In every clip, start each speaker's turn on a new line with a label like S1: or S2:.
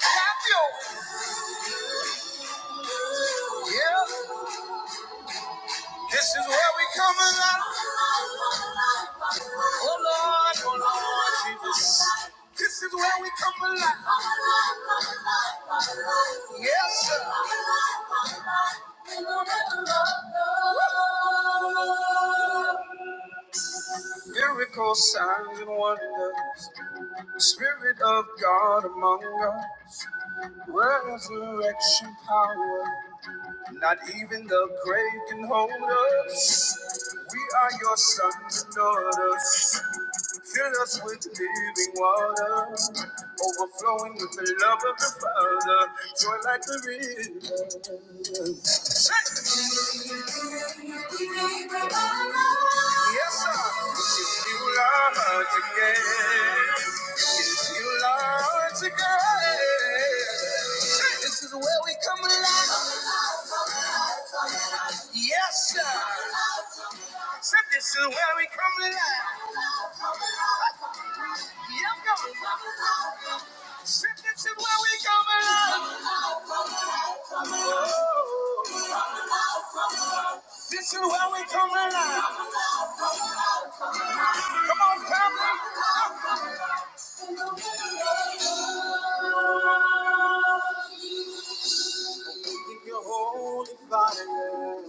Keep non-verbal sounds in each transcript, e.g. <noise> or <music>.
S1: Clap yeah. This is where we come alive. Oh Lord, oh Lord Jesus. This is where we come alive. Yes, sir. Miracles, signs, and wonders. Spirit of God among us. Resurrection power. Not even the grave can hold us. We are your sons and daughters. Fill us with living water, overflowing with the love of the Father. Joy like the river. Hey! Yes, sir. Since you love again, since you love again, hey, this is where we come alive. Yes, sir. this is where we come alive. Yeah, this is where we come alive. Ooh, This is where we come alive. Come on, family. Keep your holy fire.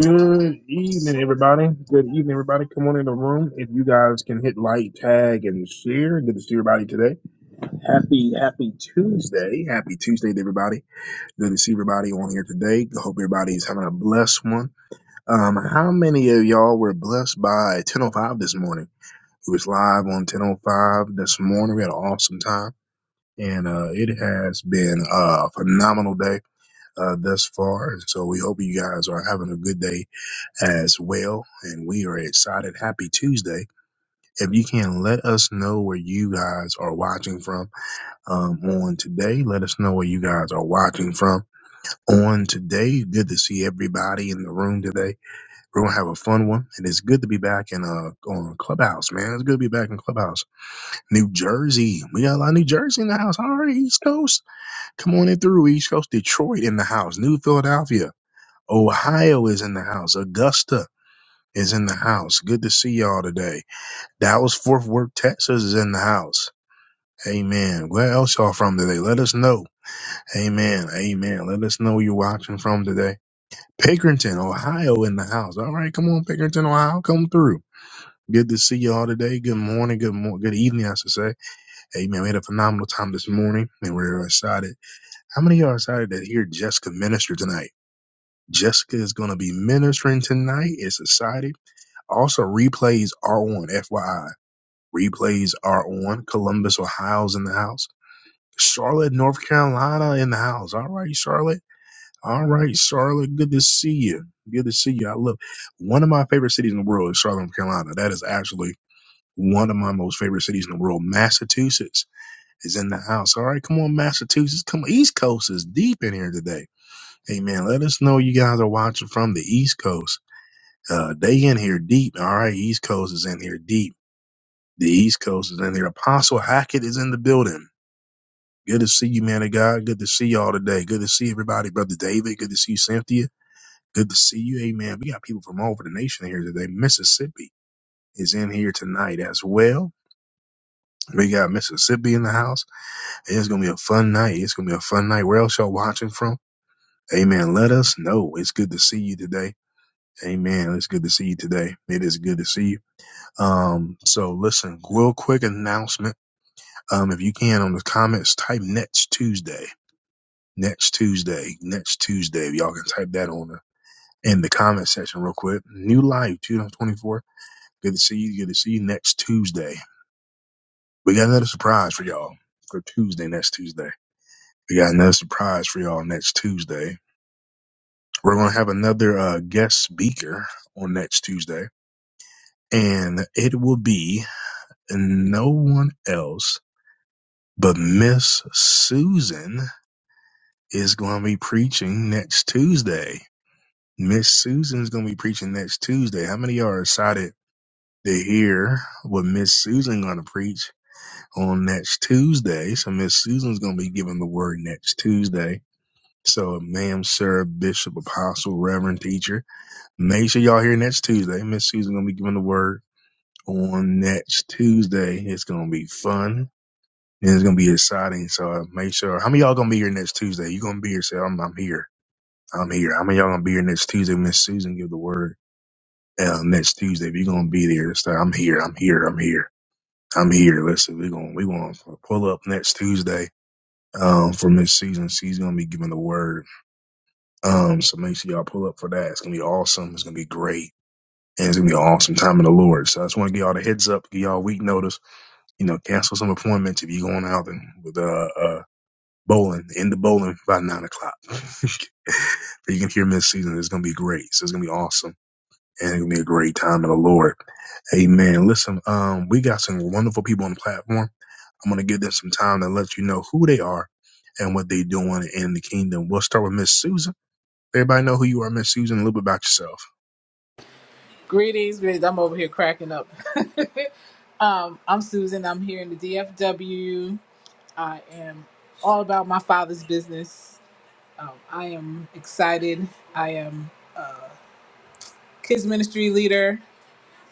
S1: Good evening, everybody. Good evening, everybody. Come on in the room. If you guys can hit like, tag, and share. Good to see everybody today. Happy, happy Tuesday. Happy Tuesday to everybody. Good to see everybody on here today. Hope everybody is having a blessed one. Um, how many of y'all were blessed by 10:05 this morning? It was live on 10:05 this morning. We had an awesome time, and uh, it has been a phenomenal day uh, thus far. And so we hope you guys are having a good day as well. And we are excited. Happy Tuesday! If you can let us know where you guys are watching from um, on today, let us know where you guys are watching from on today. Good to see everybody in the room today we're gonna have a fun one, and it's good to be back in uh on Clubhouse, man. It's good to be back in Clubhouse, New Jersey. We got a lot of New Jersey in the house. All right, East Coast, come on in through East Coast. Detroit in the house. New Philadelphia, Ohio is in the house. Augusta is in the house. Good to see y'all today. Dallas Fort Worth, Texas is in the house. Amen. Where else y'all from today? Let us know. Amen. Amen. Let us know where you're watching from today. Pickerington, Ohio in the house. All right, come on, Pickerington, Ohio, come through. Good to see you all today. Good morning. Good morning. Good evening, I should say. Hey, man, we had a phenomenal time this morning, and we're excited. How many of y'all are excited to hear Jessica minister tonight? Jessica is going to be ministering tonight. It's exciting. Also, replays are on. FYI, replays are on. Columbus, Ohio's in the house. Charlotte, North Carolina, in the house. All right, Charlotte. All right, Charlotte. Good to see you. Good to see you. I love one of my favorite cities in the world is Charlotte, North Carolina. That is actually one of my most favorite cities in the world, Massachusetts, is in the house. All right, come on, Massachusetts. Come on. East Coast is deep in here today. Hey, man, let us know you guys are watching from the East Coast. Uh, they in here deep. All right, East Coast is in here deep. The East Coast is in here. Apostle Hackett is in the building. Good to see you, man of God. Good to see y'all today. Good to see everybody, Brother David. Good to see you, Cynthia. Good to see you. Amen. We got people from all over the nation here today. Mississippi is in here tonight as well. We got Mississippi in the house. It's gonna be a fun night. It's gonna be a fun night. Where else y'all watching from? Amen. Let us know. It's good to see you today. Amen. It's good to see you today. It is good to see you. Um, so listen, real quick announcement. Um, if you can on the comments, type next Tuesday. Next Tuesday. Next Tuesday. Y'all can type that on the in the comment section real quick. New life 2024. Good to see you. Good to see you next Tuesday. We got another surprise for y'all for Tuesday, next Tuesday. We got another surprise for y'all next Tuesday. We're going to have another uh, guest speaker on next Tuesday, and it will be no one else but Miss Susan is going to be preaching next Tuesday. Miss Susan's going to be preaching next Tuesday. How many of y'all are excited to hear what Miss Susan going to preach on next Tuesday? So Miss Susan's going to be giving the word next Tuesday. So, ma'am, sir, bishop, apostle, reverend, teacher, Make sure y'all here next Tuesday. Miss Susan gonna be giving the word on next Tuesday. It's gonna be fun and it's gonna be exciting. So uh, make sure. How many of y'all gonna be here next Tuesday? You gonna be here? Say I'm, I'm here. I'm here. How many of y'all gonna be here next Tuesday? when Miss Susan give the word uh, next Tuesday. If you are gonna be there, say I'm here. I'm here. I'm here. I'm here. Listen, we gonna we gonna pull up next Tuesday. Um, for Miss Susan, she's gonna be giving the word. Um, so make sure y'all pull up for that. It's gonna be awesome. It's gonna be great and it's gonna be an awesome time in the Lord. So I just want to give y'all the heads up, give y'all week notice. You know, cancel some appointments if you're going out and with uh, uh bowling End the bowling by nine o'clock. <laughs> but you can hear Miss season. It's gonna be great. So it's gonna be awesome, and it's gonna be a great time in the Lord. Amen. Listen, um, we got some wonderful people on the platform. I'm gonna give them some time to let you know who they are and what they're doing in the kingdom. We'll start with Miss Susan. Everybody know who you are, Miss Susan. A little bit about yourself.
S2: Greetings, greetings. I'm over here cracking up. <laughs> um, I'm Susan. I'm here in the DFW. I am all about my father's business. Um, I am excited. I am kids ministry leader.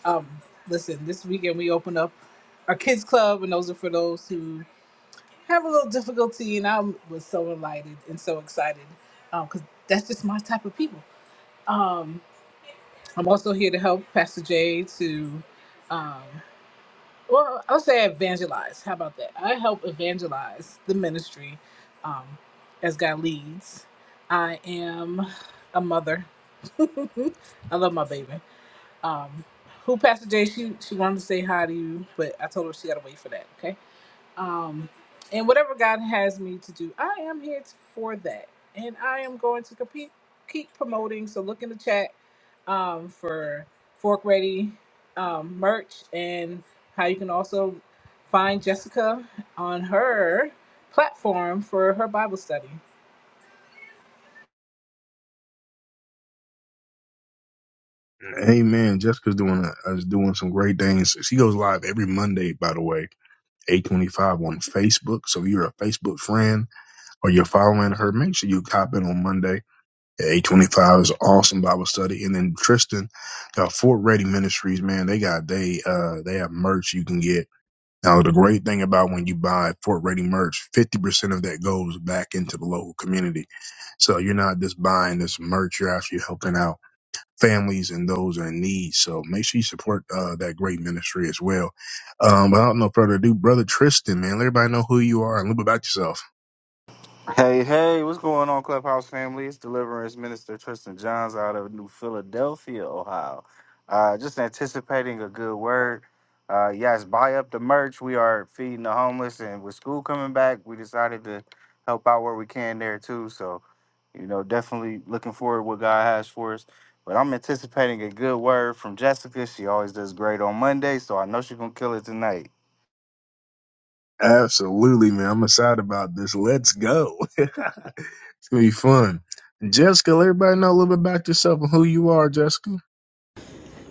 S2: Um, listen, this weekend we open up our kids club, and those are for those who have a little difficulty. And I was so delighted and so excited because that's just my type of people. Um, I'm also here to help Pastor Jay to. Um, or I'll say evangelize. How about that? I help evangelize the ministry um, as God leads. I am a mother. <laughs> I love my baby. Um, who Pastor J? She she wanted to say hi to you, but I told her she got to wait for that. okay? um, and whatever God has me to do, I am here t- for that, and I am going to compete, keep promoting. So look in the chat um, for Fork Ready um, merch and how you can also find Jessica on her platform for her Bible study.
S1: Amen. Jessica's doing a, is doing some great things. She goes live every Monday, by the way, eight twenty five on Facebook. So if you're a Facebook friend or you're following her, make sure you cop in on Monday at eight twenty five. It's awesome Bible study. And then Tristan, uh, Fort Ready Ministries, man, they got they uh they have merch you can get. Now the great thing about when you buy Fort Ready merch, fifty percent of that goes back into the local community. So you're not just buying this merch; you're actually helping out families and those in need. So make sure you support uh, that great ministry as well. Um, but without no further ado, brother Tristan, man, let everybody know who you are and a little bit about yourself.
S3: Hey, hey, what's going on, Clubhouse family? It's Deliverance Minister Tristan Johns out of New Philadelphia, Ohio. Uh, just anticipating a good word. Uh, yes, buy up the merch. We are feeding the homeless, and with school coming back, we decided to help out where we can there too. So, you know, definitely looking forward to what God has for us. But I'm anticipating a good word from Jessica. She always does great on Monday, so I know she's gonna kill it tonight.
S1: Absolutely, man. I'm excited about this. Let's go. <laughs> it's gonna be fun. Jessica, let everybody know a little bit about yourself and who you are, Jessica.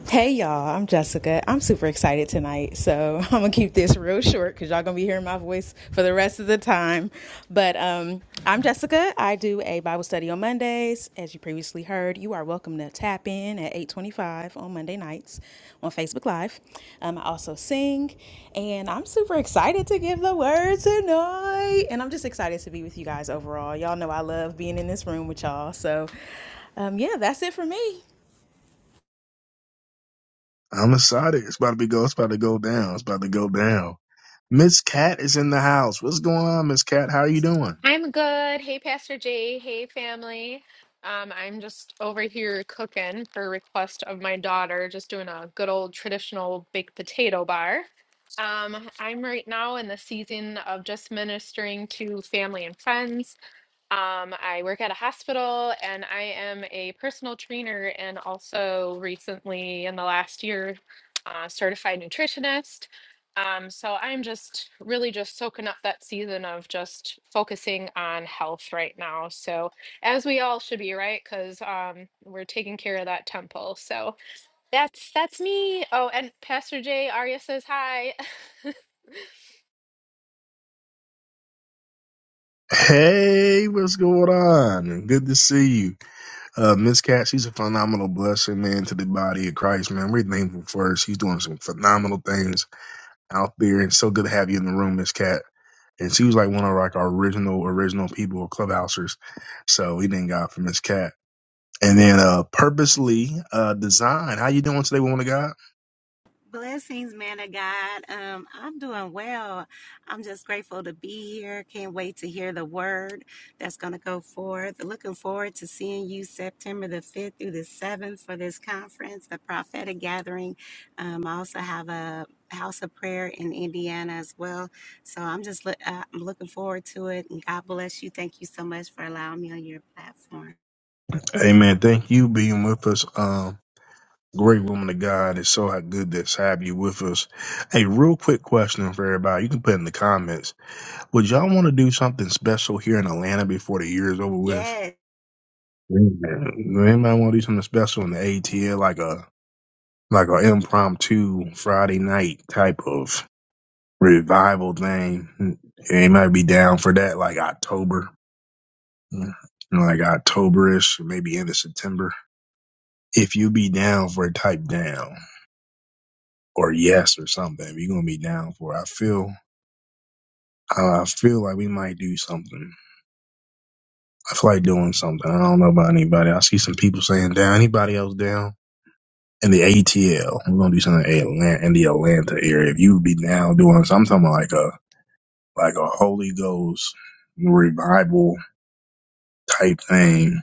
S4: Hey y'all, I'm Jessica. I'm super excited tonight, so <laughs> I'm gonna keep this real short because y'all gonna be hearing my voice for the rest of the time. But um, I'm Jessica. I do a Bible study on Mondays. As you previously heard, you are welcome to tap in at 8:25 on Monday nights on Facebook Live. Um, I also sing, and I'm super excited to give the word tonight. And I'm just excited to be with you guys overall. Y'all know I love being in this room with y'all, so um, yeah, that's it for me.
S1: I'm excited. It's about to be go. It's about to go down. It's about to go down. Miss Cat is in the house. What's going on, Miss Cat? How are you doing?
S5: I'm good. Hey, Pastor Jay. Hey, family. Um, I'm just over here cooking per request of my daughter, just doing a good old traditional baked potato bar. Um, I'm right now in the season of just ministering to family and friends. Um, I work at a hospital and I am a personal trainer and also recently in the last year, uh, certified nutritionist. Um, so I'm just really just soaking up that season of just focusing on health right now. So as we all should be, right? Because um, we're taking care of that temple. So that's that's me. Oh, and Pastor J. Arya says hi.
S1: Hey, what's going on? Good to see you. Uh, Miss Cat, she's a phenomenal blessing, man, to the body of Christ, man. We're thankful for her. She's doing some phenomenal things out there, and so good to have you in the room, Miss Cat. And she was like one of like our original, original people, clubhousers. So we thank God for Miss Cat. And then uh purposely uh design. How you doing today, woman of God?
S6: Blessings, man of God. Um, I'm doing well. I'm just grateful to be here. Can't wait to hear the word that's going to go forth. Looking forward to seeing you September the 5th through the 7th for this conference, the prophetic gathering. Um, I also have a house of prayer in Indiana as well. So I'm just look uh, I'm looking forward to it. And God bless you. Thank you so much for allowing me on your platform.
S1: Amen. Thank you being with us. Um great woman of God. It's so good to have you with us. Hey, real quick question for everybody. You can put in the comments. Would y'all want to do something special here in Atlanta before the year is over with?
S6: Yes,
S1: Yeah. Anybody want to do something special in the ATL, like a like an impromptu Friday night type of revival thing? They might be down for that, like October, Mm. like Octoberish, maybe end of September. If you be down for it, type down or yes or something. If you're gonna be down for, it. I feel I feel like we might do something. I feel like doing something. I don't know about anybody. I see some people saying down. Anybody else down? In the ATL, we're gonna do something in Atlanta, in the Atlanta area. If you be down doing something, i like a like a Holy Ghost revival type thing.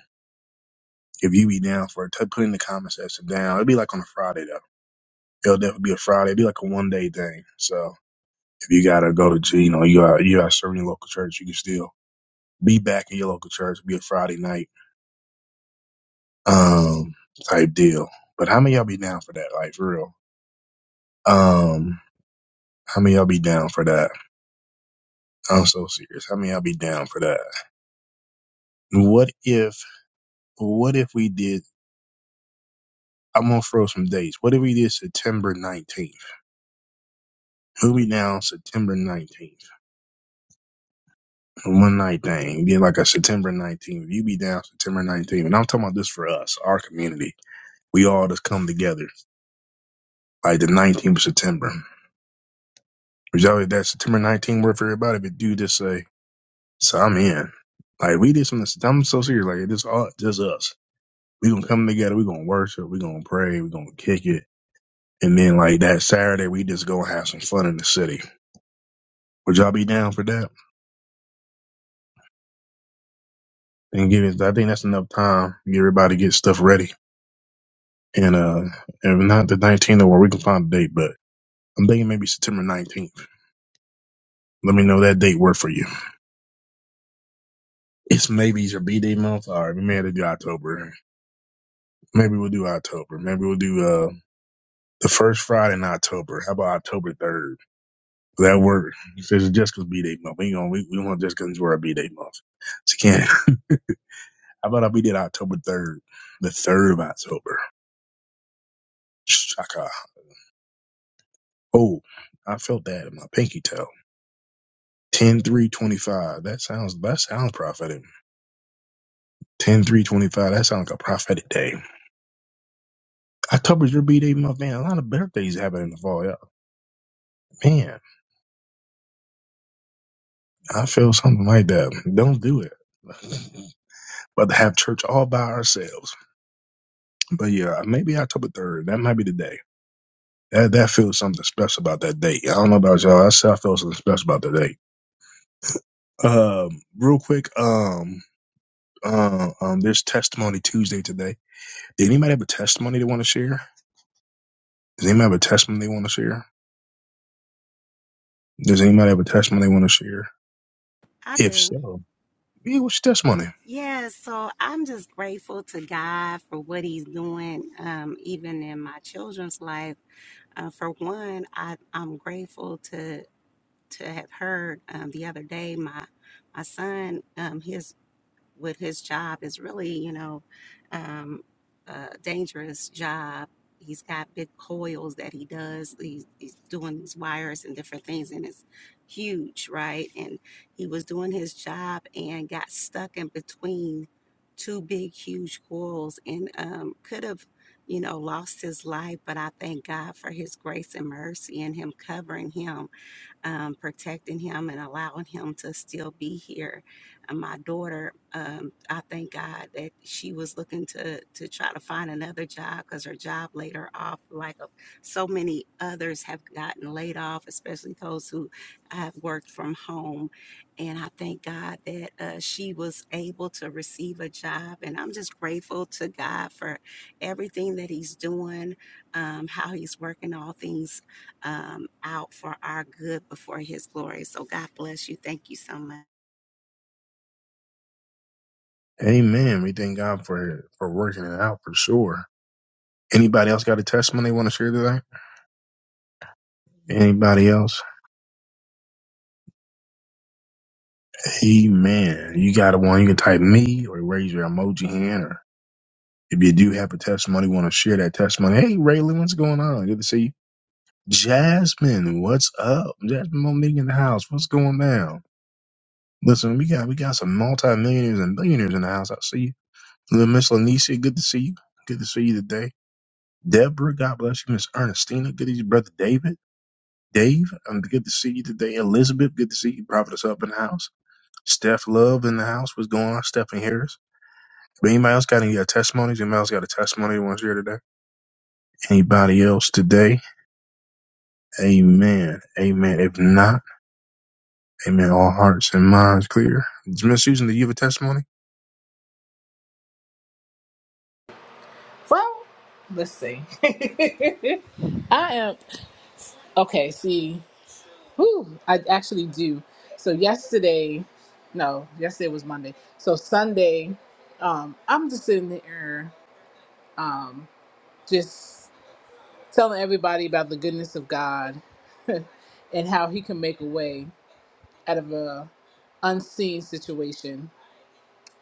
S1: If you be down for it, t- put in the comment section down. It'll be like on a Friday though. It'll definitely be a Friday. It'll be like a one day thing. So if you gotta go to, you know, you are you are serving your local church, you can still be back in your local church. It'll be a Friday night um type deal. But how many of y'all be down for that? Like for real. Um how many of y'all be down for that? I'm so serious. How many of y'all be down for that? What if what if we did I'm gonna throw some dates. What if we did September nineteenth? Who be down September nineteenth? One night thing. Did like a September nineteenth. You be down September nineteenth. And I'm talking about this for us, our community. We all just come together. Like the nineteenth of September. Is y'all that September nineteenth work for everybody? But do just say So I'm in. Like we did something. I'm so serious. Like this all just us. We gonna come together. We gonna worship. We gonna pray. We gonna kick it. And then like that Saturday, we just gonna have some fun in the city. Would y'all be down for that? And give it. I think that's enough time. Get everybody get stuff ready. And uh, if not the 19th or where we can find a date, but I'm thinking maybe September 19th. Let me know that date work for you. It's maybe your B Day month. All right, we may have to do October. Maybe we'll do October. Maybe we'll do uh the first Friday in October. How about October 3rd? That work. He says Jessica's B Day month. We ain't gonna we, we don't want Jessica to wear a B Day month. She can't. How about I be there October third, the third of October. Shaka. Oh, I felt that in my pinky toe. Ten three twenty five. That sounds that sounds prophetic. Ten three twenty five. That sounds like a prophetic day. October's your B Day month, man. A lot of birthdays happen in the fall. Yeah. Man, I feel something like that. Don't do it. <laughs> But to have church all by ourselves. But yeah, maybe October third. That might be the day. That that feels something special about that date. I don't know about y'all. I said I felt something special about that date. Um, real quick, um, uh, um, there's testimony Tuesday today. Did anybody have a testimony they want to share? Does anybody have a testimony they want to share? Does anybody have a testimony they want to share?
S6: I
S1: If
S6: do.
S1: so, yeah, what's your testimony?
S6: Yeah, so I'm just grateful to God for what He's doing, um, even in my children's life. Uh, for one, I, I'm grateful to to have heard um, the other day my my son, um, his with his job is really, you know, um, a dangerous job. He's got big coils that he does. He's, he's doing these wires and different things, and it's huge, right? And he was doing his job and got stuck in between two big, huge coils and um, could have, you know, lost his life. But I thank God for his grace and mercy and him covering him um, protecting him and allowing him to still be here. And my daughter, um, I thank God that she was looking to to try to find another job because her job laid her off. Like uh, so many others have gotten laid off, especially those who have worked from home. And I thank God that uh, she was able to receive a job. And I'm just grateful to God for everything that He's doing, um, how He's working all things um, out for our good before His glory. So God bless you. Thank you so much.
S1: Amen. We thank God for for working it out for sure. Anybody else got a testimony they want to share today? Anybody else? Amen. You got a one? You can type me or raise your emoji hand or. If you do have a testimony, want to share that testimony. Hey, Raylan, what's going on? Good to see you. Jasmine, what's up? Jasmine Monique in the house. What's going down? Listen, we got we got some multimillionaires and billionaires in the house. I see you. Little Miss Lanisha, good to see you. Good to see you today. Deborah, God bless you. Miss Ernestina, good to see you. Brother David, Dave, um, good to see you today. Elizabeth, good to see you. Prophetess up in the house. Steph Love in the house. What's going on? Stephanie Harris. But anybody else got any uh, testimonies? Anybody else got a testimony they want to share today? Anybody else today? Amen. Amen. If not, amen. All hearts and minds clear. Miss Susan, do you have a testimony?
S2: Well, let's see. <laughs> I am okay. See. Whew, I actually do. So yesterday, no, yesterday was Monday. So Sunday, um, I'm just sitting there, um, just telling everybody about the goodness of God <laughs> and how He can make a way out of a unseen situation.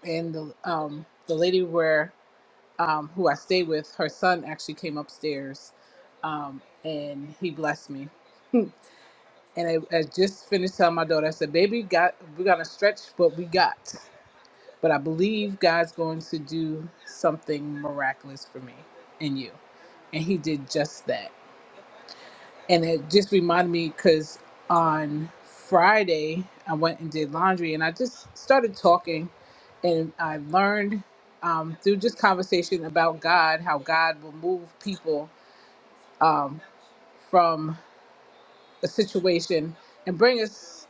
S2: And the um, the lady where um, who I stay with, her son actually came upstairs, um, and he blessed me and I, I just finished telling my daughter, I said, "Baby, got we're gonna stretch what we got, but I believe God's going to do something miraculous for me and you," and He did just that. And it just reminded me because on Friday I went and did laundry, and I just started talking, and I learned um, through just conversation about God, how God will move people um, from a situation and bring us.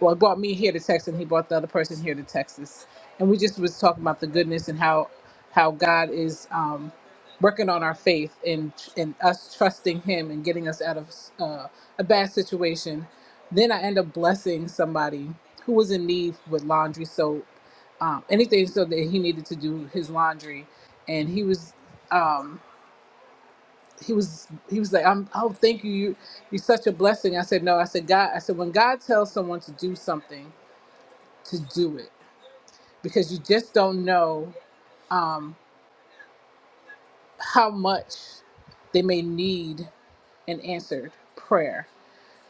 S2: well, it brought me here to Texas, and he brought the other person here to Texas, and we just was talking about the goodness and how how God is um, working on our faith and and us trusting Him and getting us out of uh, a bad situation. Then I end up blessing somebody who was in need with laundry soap, um, anything so that he needed to do his laundry, and he was. Um, he was he was like I'm oh thank you you you're such a blessing I said no I said God I said when God tells someone to do something to do it because you just don't know um, how much they may need an answered prayer.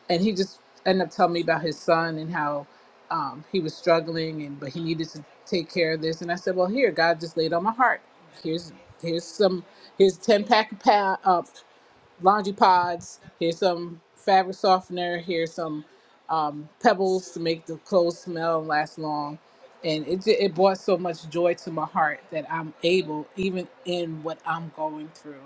S2: And he just ended up telling me about his son and how um, he was struggling and but he needed to take care of this. And I said, well, here, God just laid on my heart. Here's here's some here's ten pack of pounds. laundry pods. Here's some fabric softener. Here's some um, pebbles to make the clothes smell and last long. And it ju- it brought so much joy to my heart that I'm able, even in what I'm going through,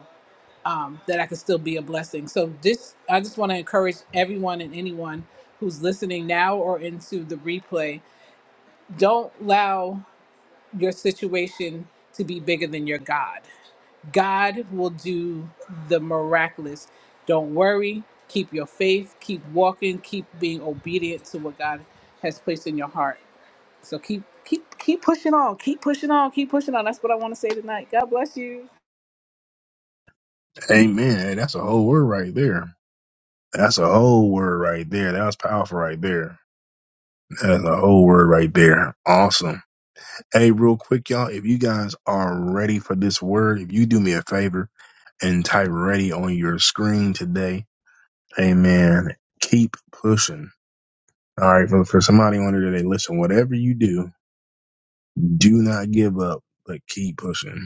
S2: um, that I can still be a blessing. So this, I just want to encourage everyone and anyone who's listening now or into the replay. Don't allow your situation to be bigger than your God God will do the miraculous. Don't worry. Keep your faith. Keep walking. Keep being obedient to what God has placed in your heart. So keep keep keep pushing on. Keep pushing on. Keep pushing on. That's what I want to say tonight. God bless you.
S1: Amen. Hey, that's a whole word right there. That's a whole word right there. That was powerful right there. That's a whole word right there. Awesome. Hey, real quick, y'all. If you guys are ready for this word, if you do me a favor and type ready on your screen today, amen. Keep pushing. All right. For, for somebody on there, today, listen, whatever you do, do not give up, but keep pushing.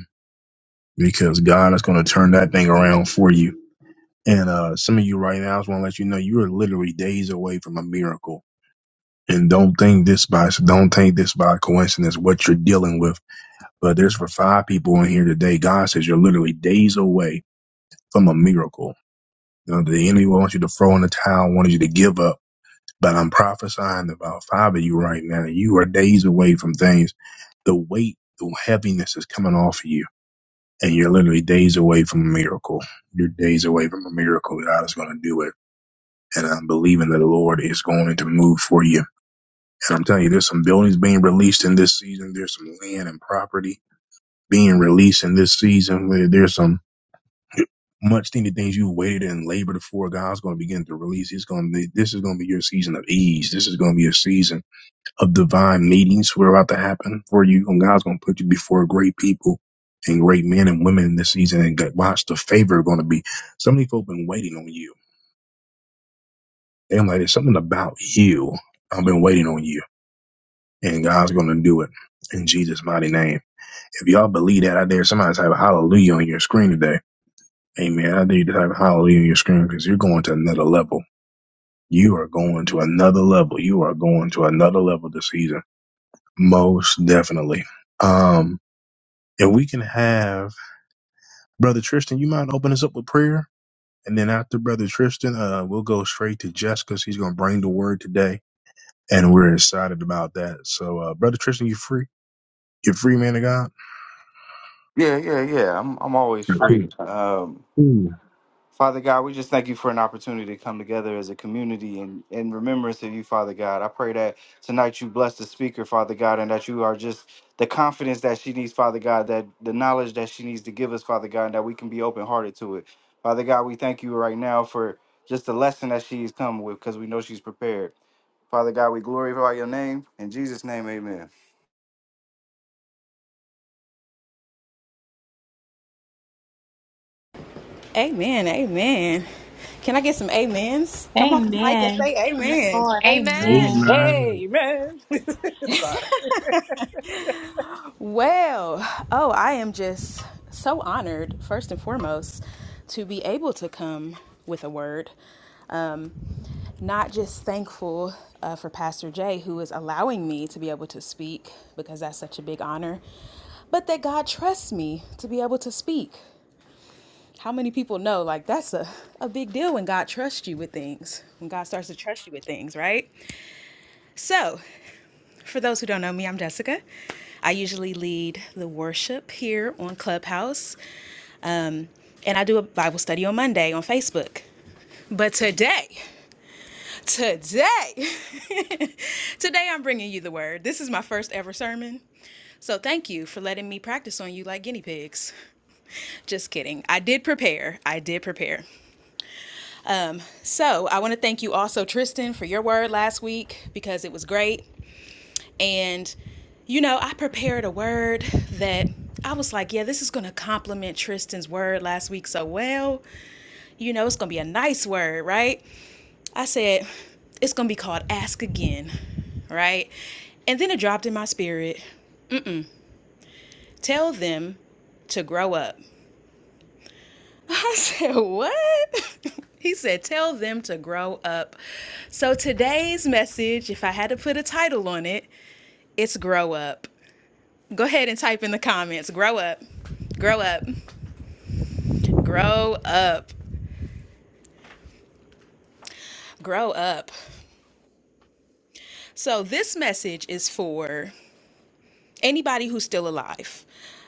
S1: because God is going to turn that thing around for you. And uh, some of you right now, I just want to let you know you are literally days away from a miracle. And don't think this by don't think this by coincidence what you're dealing with. But there's for five people in here today. God says you're literally days away from a miracle. You know, the enemy wants you to throw in the towel, wanted you to give up. But I'm prophesying about five of you right now. You are days away from things. The weight, the heaviness is coming off of you and you're literally days away from a miracle. You're days away from a miracle. God is going to do it. And I'm believing that the Lord is going to move for you. And I'm telling you, there's some buildings being released in this season. There's some land and property being released in this season. There's some much needed things you waited and labored for. God's going to begin to release. It's going to be, this is going to be your season of ease. This is going to be a season of divine meetings were about to happen for you, and God's going to put you before great people and great men and women in this season. And God, watch the favor going to be. Some of these folk been waiting on you. They're like, there's something about you. I've been waiting on you, and God's going to do it in Jesus' mighty name. If y'all believe that, I dare somebody type hallelujah on your screen today. Amen. I dare you to type hallelujah on your screen because you're going to another level. You are going to another level. You are going to another level this season. Most definitely. Um. If we can have Brother Tristan, you mind open us up with prayer? And then after Brother Tristan, uh, we'll go straight to Jessica. She's going to bring the word today. And we're excited about that. So, uh, Brother Tristan, you free? You're free, man of God?
S3: Yeah, yeah, yeah. I'm I'm always free. Um,
S1: Amen.
S3: Father God, we just thank you for an opportunity to come together as a community and in remembrance of you, Father God. I pray that tonight you bless the speaker, Father God, and that you are just the confidence that she needs, Father God, that the knowledge that she needs to give us, Father God, and that we can be open hearted to it. Father God, we thank you right now for just the lesson that she's come with because we know she's prepared. Father God, we glorify your name. In Jesus' name, amen.
S4: Amen. Amen. Can I get some amens? Come off the mic and
S7: Amen.
S4: say
S7: Yes,
S4: amen.
S7: Lord.
S5: <laughs>
S7: Amen.
S5: Amen.
S1: Amen.
S2: Amen. <laughs> Sorry.
S4: Well, oh, I am just so honored, first and foremost, to be able to come with a word. Um, not just thankful uh, for Pastor Jay, who is allowing me to be able to speak, because that's such a big honor, but that God trusts me to be able to speak. How many people know, like, that's a, a big deal when God trusts you with things, when God starts to trust you with things, right? So, for those who don't know me, I'm Jessica. I usually lead the worship here on Clubhouse, um, and I do a Bible study on Monday on Facebook. But today, today, <laughs> today I'm bringing you the word. This is my first ever sermon. So thank you for letting me practice on you like guinea pigs. Just kidding. I did prepare. I did prepare. Um, so I want to thank you also, Tristan, for your word last week because it was great. And, you know, I prepared a word that I was like, yeah, this is going to complement Tristan's word last week so well. You know, it's going to be a nice word, right? I said, it's going to be called Ask Again, right? And then it dropped in my spirit tell them to grow up. <laughs> I said, What? <laughs> He said, Tell them to grow up. So today's message, if I had to put a title on it, it's Grow Up. Go ahead and type in the comments. Grow up. Grow up. Grow up. Grow up. So, this message is for anybody who's still alive.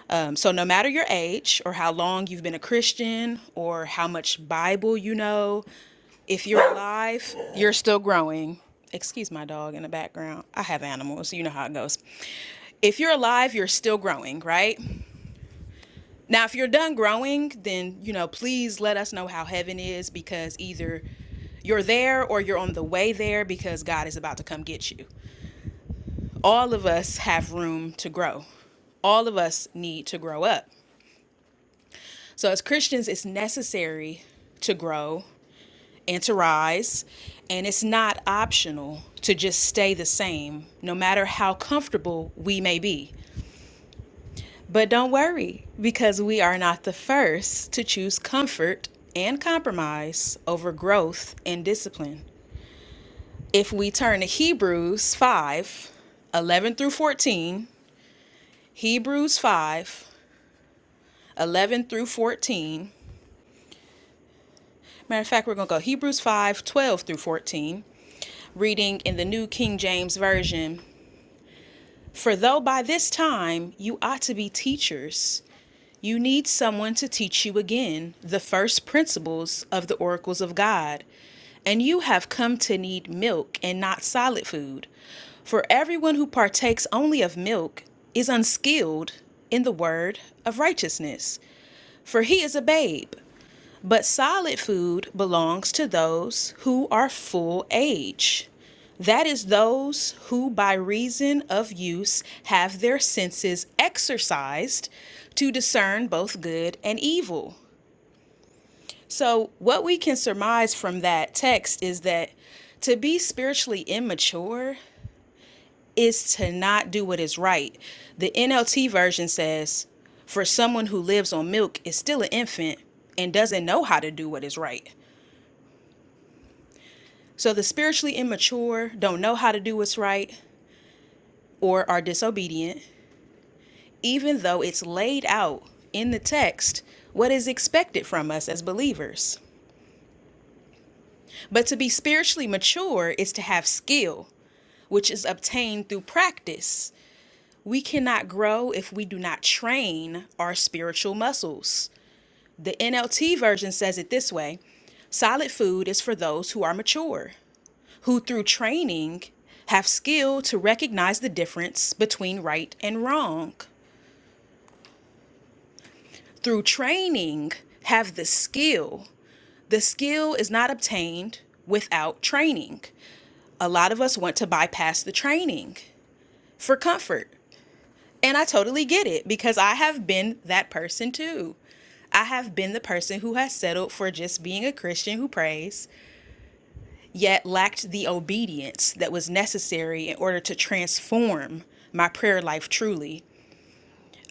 S4: Um, so, no matter your age or how long you've been a Christian or how much Bible you know, if you're alive, you're still growing. Excuse my dog in the background. I have animals. You know how it goes. If you're alive, you're still growing, right? Now, if you're done growing, then, you know, please let us know how heaven is because either you're there or you're on the way there because God is about to come get you. All of us have room to grow. All of us need to grow up. So, as Christians, it's necessary to grow and to rise, and it's not optional to just stay the same, no matter how comfortable we may be. But don't worry, because we are not the first to choose comfort and compromise over growth and discipline. If we turn to Hebrews 5, 11 through 14, Hebrews 5, 11 through 14, matter of fact, we're going to go Hebrews 5 12 through 14 reading in the New King James Version For though by this time you ought to be teachers, You need someone to teach you again the first principles of the oracles of God, and you have come to need milk and not solid food. For everyone who partakes only of milk is unskilled in the word of righteousness, for he is a babe. But solid food belongs to those who are full age. That is, those who, by reason of use, have their senses exercised to discern both good and evil. So, what we can surmise from that text is that to be spiritually immature is to not do what is right. The NLT version says, for someone who lives on milk is still an infant and doesn't know how to do what is right. So the spiritually immature don't know how to do what's right or are disobedient, even though it's laid out in the text what is expected from us as believers. But to be spiritually mature is to have skill, which is obtained through practice. We cannot grow if we do not train our spiritual muscles. The NLT version says it this way solid food is for those who are mature, who through training have skill to recognize the difference between right and wrong. Through training, have the skill. The skill is not obtained without training. A lot of us want to bypass the training for comfort. And I totally get it because I have been that person too. I have been the person who has settled for just being a Christian who prays yet lacked the obedience that was necessary in order to transform my prayer life truly.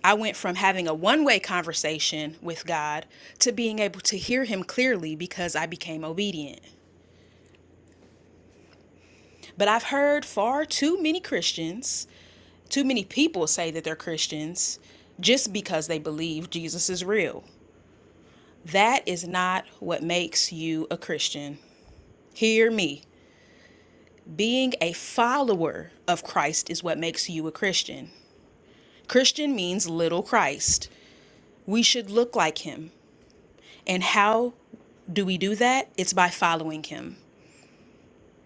S4: I went from having a one way conversation with God to being able to hear Him clearly because I became obedient. But I've heard far too many Christians, too many people say that they're Christians just because they believe Jesus is real. That is not what makes you a Christian. Hear me. Being a follower of Christ is what makes you a Christian. Christian means little Christ. We should look like him. And how do we do that? It's by following him.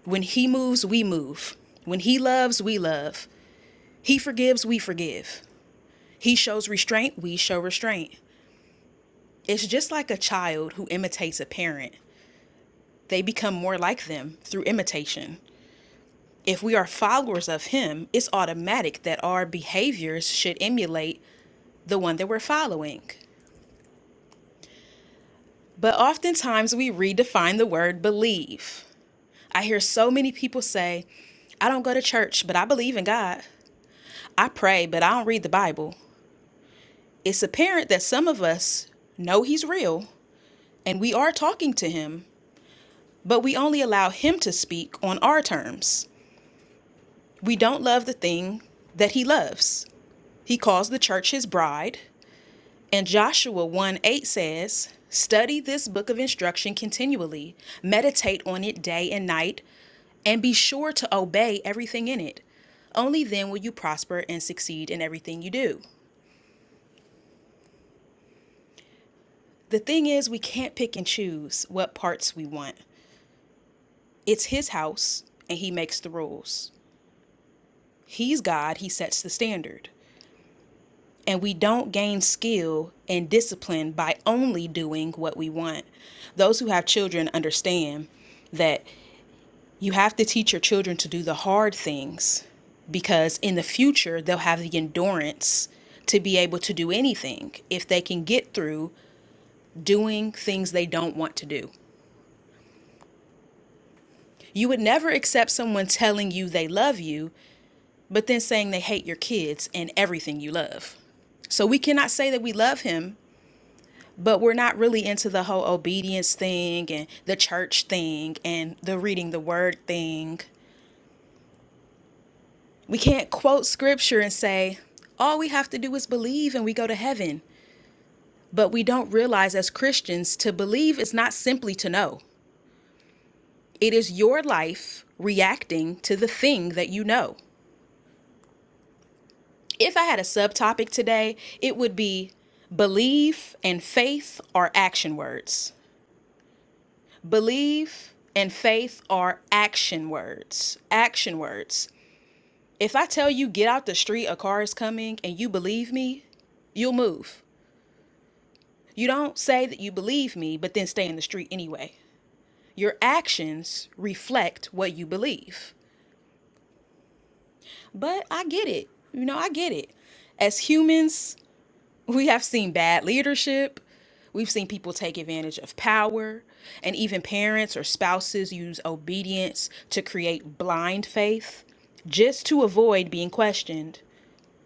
S4: When he moves, we move. When he loves, we love. He forgives, we forgive. He shows restraint, we show restraint. It's just like a child who imitates a parent. They become more like them through imitation. If we are followers of him, it's automatic that our behaviors should emulate the one that we're following. But oftentimes we redefine the word believe. I hear so many people say, I don't go to church, but I believe in God. I pray, but I don't read the Bible. It's apparent that some of us know He's real and we are talking to Him, but we only allow Him to speak on our terms. We don't love the thing that He loves. He calls the church His bride, And Joshua 1 8 says, Study this book of instruction continually, meditate on it day and night, and be sure to obey everything in it. Only then will you prosper and succeed in everything you do. The thing is, we can't pick and choose what parts we want. It's His house, and He makes the rules. He's God, He sets the standard. And we don't gain skill and discipline by only doing what we want. Those who have children understand that You have to teach your children to do the hard things because in the future they'll have the endurance to be able to do anything if they can get through doing things they don't want to do. You would never accept someone telling you they love you, but then saying they hate your kids and everything you love. So we cannot say that we love him, but we're not really into the whole obedience thing and the church thing and the reading the word thing. We can't quote scripture and say, all we have to do is believe and we go to heaven. But we don't realize as Christians, to believe is not simply to know, it is your life reacting to the thing that you know. If I had a subtopic today, it would be belief and faith are action words. Believe and faith are action words. Action words. If I tell you, get out the street, a car is coming, and you believe me, you'll move. You don't say that you believe me, but then stay in the street anyway. Your actions reflect what you believe. But I get it. You know, I get it. As humans, we have seen bad leadership. We've seen people take advantage of power, and even parents or spouses use obedience to create blind faith just to avoid being questioned.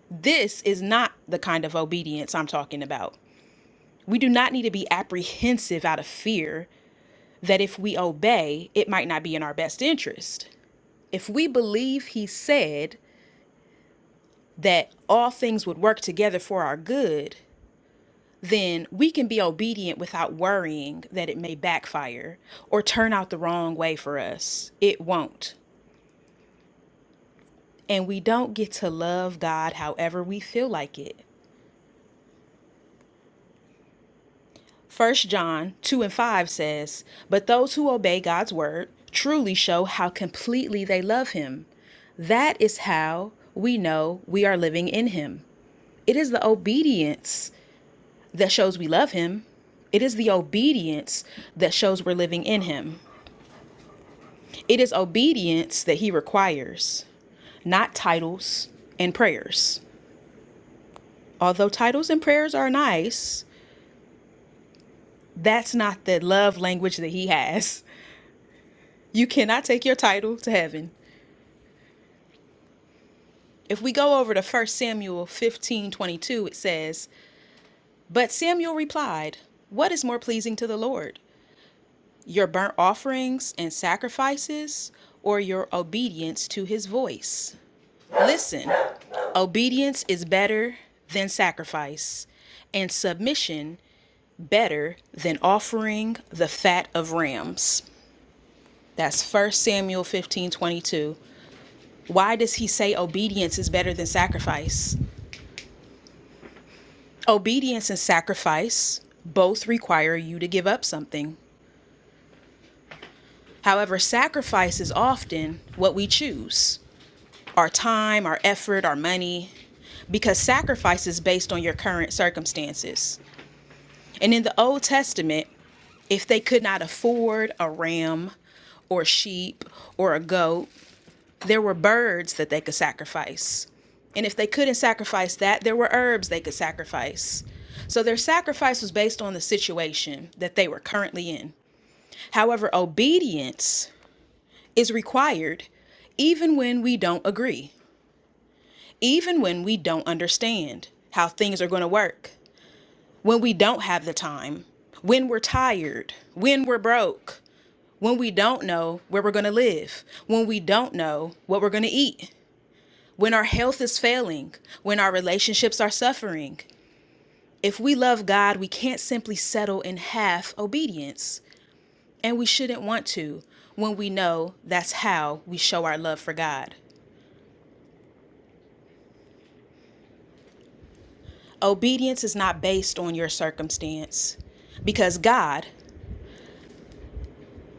S4: This is not the kind of obedience I'm talking about. We do not need to be apprehensive out of fear that if we obey, it might not be in our best interest. If we believe he said that all things would work together for our good, then we can be obedient without worrying that it may backfire or turn out the wrong way for us. It won't. And we don't get to love God however we feel like it. First John 2 and 5 says, But those who obey God's word truly show how completely they love him. That is how we know we are living in him. It is the obedience that shows we love him. It is the obedience that shows we're living in him. It is obedience that he requires not titles and prayers. Although titles and prayers are nice, that's not the love language that he has. You cannot take your title to heaven. If we go over to First Samuel 15 22, it says, But Samuel replied, 'What is more pleasing to the Lord, your burnt offerings and sacrifices, or your obedience to his voice? Listen, obedience is better than sacrifice, and submission better than offering the fat of rams. That's First Samuel 15 22. Why does he say obedience is better than sacrifice? Obedience and sacrifice both require you to give up something. However, sacrifice is often what we choose our time, our effort, our money, because sacrifice is based on your current circumstances. And in the Old Testament, if they could not afford a ram or sheep or a goat, there were birds that they could sacrifice. And if they couldn't sacrifice that, there were herbs they could sacrifice. So their sacrifice was based on the situation that they were currently in. However, obedience is required even when we don't agree, even when we don't understand how things are going to work, when we don't have the time, when we're tired, when we're broke, when we don't know where we're going to live, when we don't know what we're going to eat. when our health is failing, when our relationships are suffering. If we love God, we can't simply settle in half obedience, and we shouldn't want to when we know that's how we show our love for God. Obedience is not based on your circumstance because God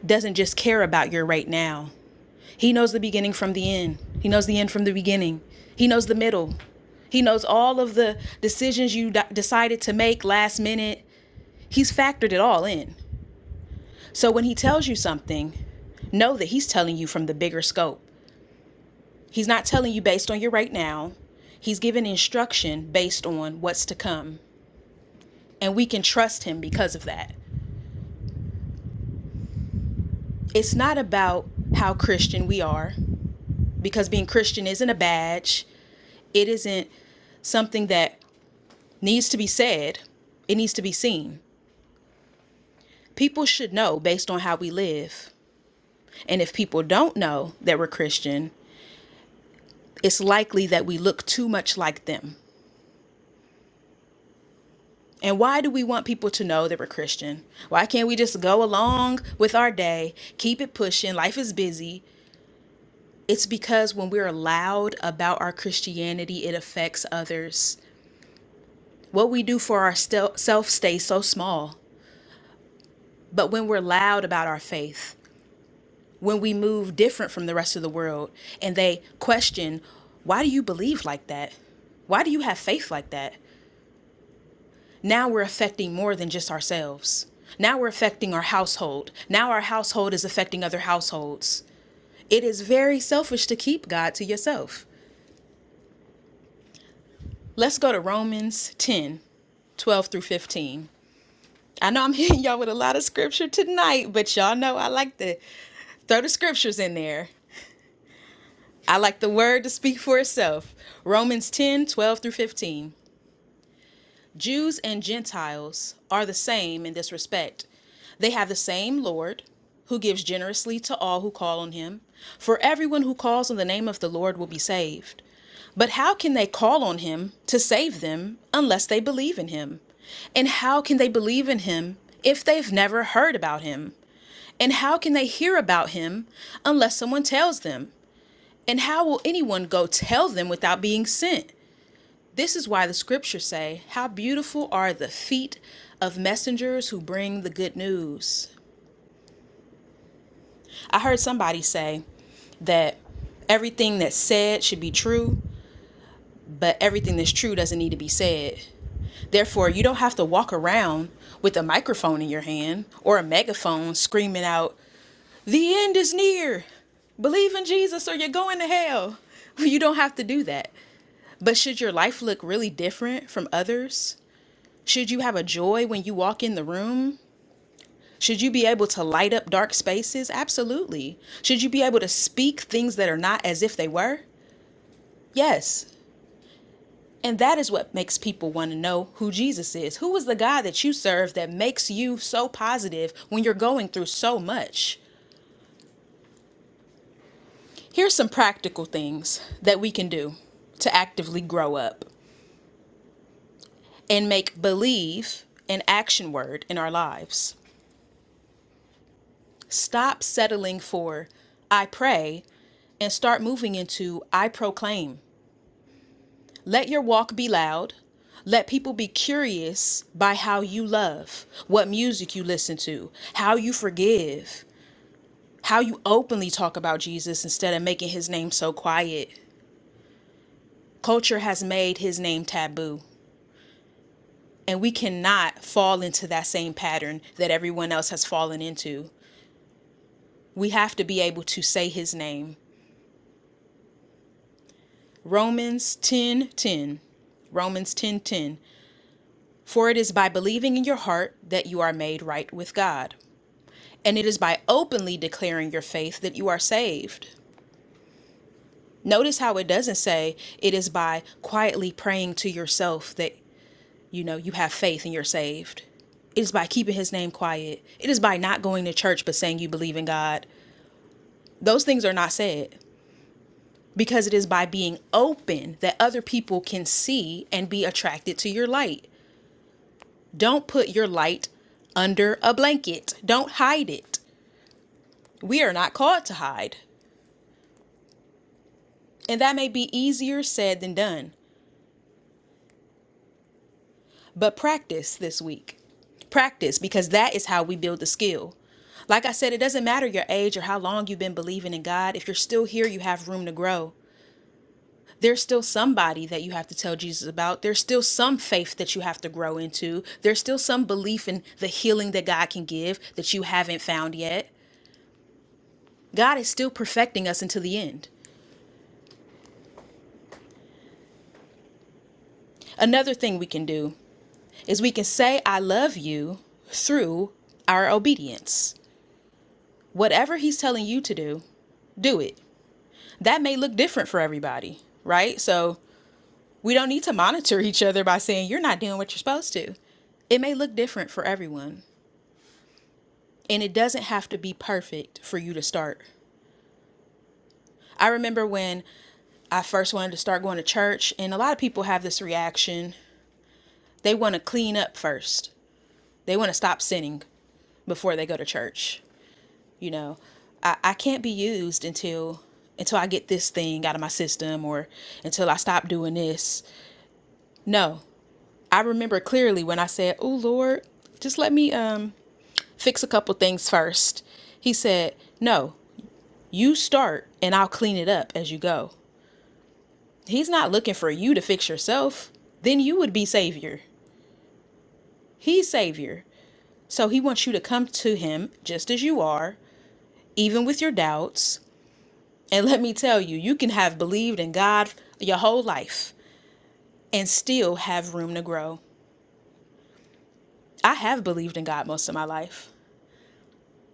S4: doesn't just care about your right now. He knows the beginning from the end, He knows the end from the beginning, He knows the middle, he knows all of the decisions you d- decided to make last minute. He's factored it all in. So when he tells you something, know that he's telling you from the bigger scope. He's not telling you based on your right now. He's giving instruction based on what's to come. And we can trust him because of that. It's not about how Christian we are, because being Christian isn't a badge, it isn't something that needs to be said, it needs to be seen. People should know based on how we live. And if people don't know that we're Christian, it's likely that we look too much like them. And why do we want people to know that we're Christian? Why can't we just go along with our day, keep it pushing? Life is busy. It's because when we're loud about our Christianity, it affects others. What we do for ourselves stays so small. But when we're loud about our faith, when we move different from the rest of the world, and they question, why do you believe like that? Why do you have faith like that? Now we're affecting more than just ourselves. Now we're affecting our household. Now our household is affecting other households. It is very selfish to keep God to yourself. Let's go to Romans 10, 12 through 15. I know I'm <laughs> hitting y'all with a lot of scripture tonight, but y'all know I like to throw the scriptures in there. I like the word to speak for itself. Romans 10, 12 through 15. Jews and Gentiles are the same in this respect. They have the same Lord, who gives generously to all who call on him. For everyone who calls on the name of the Lord will be saved. But how can they call on him to save them unless they believe in him? And how can they believe in him if they've never heard about him? And how can they hear about him unless someone tells them? And how will anyone go tell them without being sent? This is why the scriptures say, How beautiful are the feet of messengers who bring the good news. I heard somebody say that everything that's said should be true, but everything that's true doesn't need to be said. Therefore, you don't have to walk around with a microphone in your hand or a megaphone screaming out, The end is near. Believe in Jesus or you're going to hell. <laughs> You don't have to do that. But should your life look really different from others? Should you have a joy when you walk in the room? Should you be able to light up dark spaces? Absolutely. Should you be able to speak things that are not as if they were? Yes. And that is what makes people want to know who Jesus is. Who is the God that you serve that makes you so positive when you're going through so much? Here's some practical things that we can do to actively grow up and make believe an action word in our lives. Stop settling for I pray and start moving into I proclaim. Let your walk be loud. Let people be curious by how you love, what music you listen to, how you forgive, how you openly talk about Jesus instead of making his name so quiet. Culture has made his name taboo, and we cannot fall into that same pattern that everyone else has fallen into. We have to be able to say his name Romans 10:10. Romans 10:10. For it is by believing in your heart that you are made right with God, and it is by openly declaring your faith that you are saved. Notice how it doesn't say it is by quietly praying to yourself that you know you have faith and you're saved. It is by keeping his name quiet. It is by not going to church but saying you believe in God. Those things are not said because it is by being open that other people can see and be attracted to your light. Don't put your light under a blanket. Don't hide it. We are not called to hide. And that may be easier said than done. But practice this week. Practice because that is how we build the skill. Like I said, it doesn't matter your age or how long you've been believing in God. If you're still here, you have room to grow. There's still somebody that you have to tell Jesus about. There's still some faith that you have to grow into. There's still some belief in the healing that God can give that you haven't found yet. God is still perfecting us until the end. Another thing we can do is we can say, I love you through our obedience. Whatever He's telling you to do, do it. That may look different for everybody, right? So we don't need to monitor each other by saying, You're not doing what you're supposed to. It may look different for everyone, and it doesn't have to be perfect for you to start. I remember when I first wanted to start going to church, and a lot of people have this reaction they want to clean up first They want to stop sinning before they go to church. You know, I, I can't be used until until I get this thing out of my system or until I stop doing this. No. I remember clearly when I said, Oh Lord, just let me um fix a couple things first." He said, No, you start and I'll clean it up as you go. He's not looking for you to fix yourself. Then you would be Savior. He's Savior. So he wants you to come to him just as you are, even with your doubts, And let me tell you, you can have believed in God your whole life and still have room to grow. I have believed in God most of my life,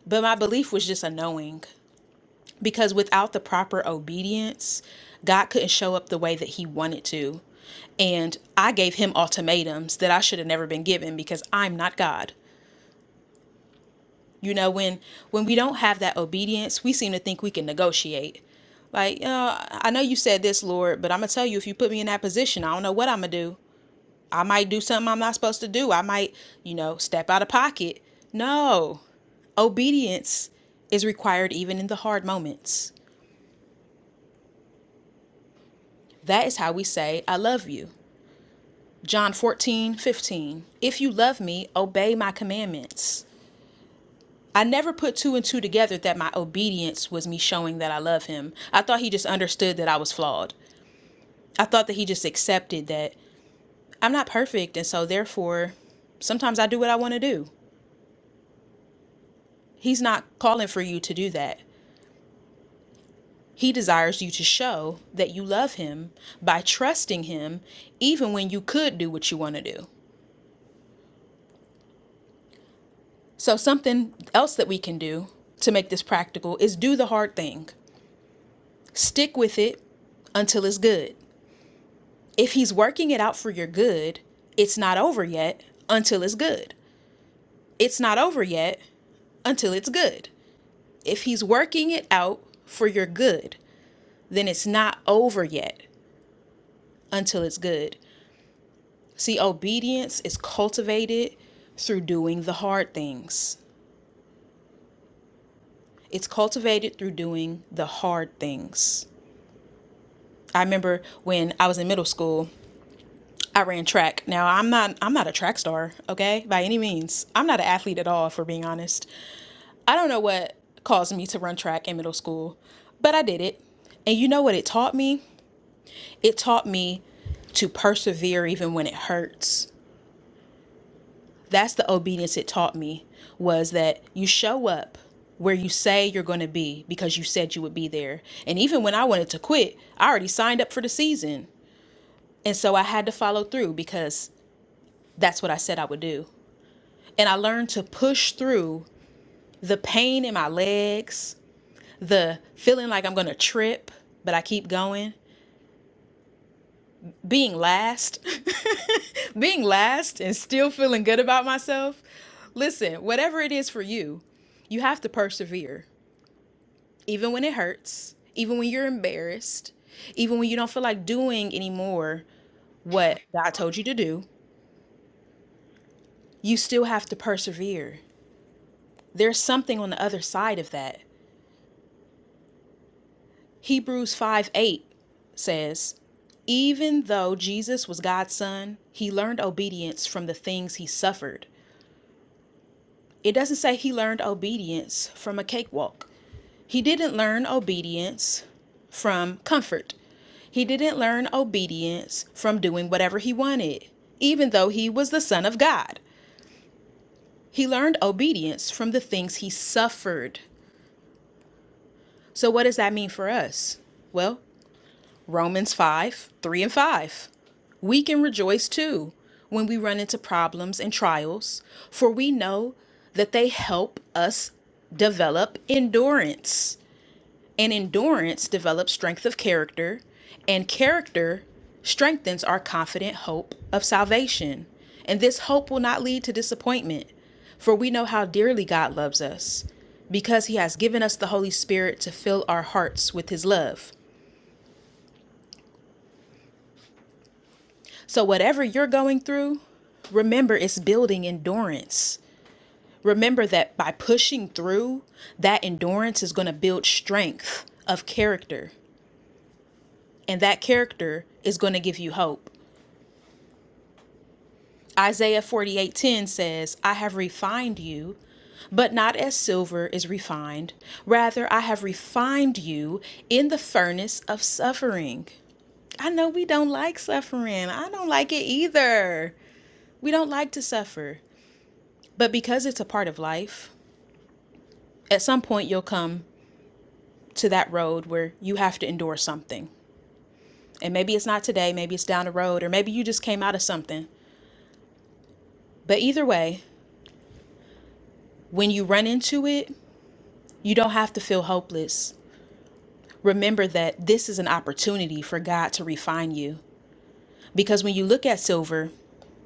S4: but my belief was just a knowing because without the proper obedience, God couldn't show up the way that He wanted to. And I gave him ultimatums that I should have never been given because I'm not God. You know, when when we don't have that obedience, we seem to think we can negotiate. Like, uh, I know you said this, Lord, but I'm gonna tell you if you put me in that position, I don't know what I'm gonna do. I might do something I'm not supposed to do. I might, you know, step out of pocket. No. Obedience is required even in the hard moments. That is how we say, I love you. John 14 15. If you love me, obey my commandments. I never put two and two together that my obedience was me showing that I love him. I thought he just understood that I was flawed. I thought that he just accepted that I'm not perfect, and so therefore, sometimes I do what I want to do. He's not calling for you to do that. He desires you to show that you love him by trusting him, even when you could do what you want to do. So, something else that we can do to make this practical is do the hard thing, stick with it until it's good. If he's working it out for your good, it's not over yet until it's good. It's not over yet until it's good. If he's working it out for your good, then it's not over yet until it's good. See, obedience is cultivated through doing the hard things. It's cultivated through doing the hard things. I remember when I was in middle school, I ran track. Now, I'm not I'm not a track star, okay? By any means. I'm not an athlete at all, if we're being honest. I don't know what caused me to run track in middle school, but I did it. And you know what it taught me? It taught me to persevere even when it hurts. that's the obedience it taught me was that you show up where you say you're going to be because you said you would be there. And even when I wanted to quit, I already signed up for the season. And so I had to follow through because that's what I said I would do. And I learned to push through the pain in my legs, the feeling like I'm going to trip, but I keep going, being last, <laughs> being last and still feeling good about myself. Listen, whatever it is for you, you have to persevere. even when it hurts, even when you're embarrassed, even when you don't feel like doing anymore what God told you to do, you still have to persevere. There's something on the other side of that. Hebrews 5 8 says, Even though Jesus was God's son, he learned obedience from the things he suffered. It doesn't say he learned obedience from a cakewalk. He didn't learn obedience from comfort. He didn't learn obedience from doing whatever he wanted, even though he was the Son of God. He learned obedience from the things he suffered. So, what does that mean for us? Well, Romans 5 3 and 5. We can rejoice too when we run into problems and trials, for we know that they help us develop endurance. And endurance develops strength of character, and character strengthens our confident hope of salvation. And this hope will not lead to disappointment, for we know how dearly God loves us, because He has given us the Holy Spirit to fill our hearts with His love. So, whatever you're going through, remember it's building endurance. Remember that by pushing through, that endurance is going to build strength of character, and that character is going to give you hope. Isaiah 48:10 says, "I have refined you, but not as silver is refined; rather I have refined you in the furnace of suffering." I know we don't like suffering. I don't like it either. We don't like to suffer. But because it's a part of life, at some point you'll come to that road where you have to endure something. And maybe it's not today, maybe it's down the road, or maybe you just came out of something. But either way, when you run into it, you don't have to feel hopeless. remember that this is an opportunity for God to refine you. Because when you look at silver,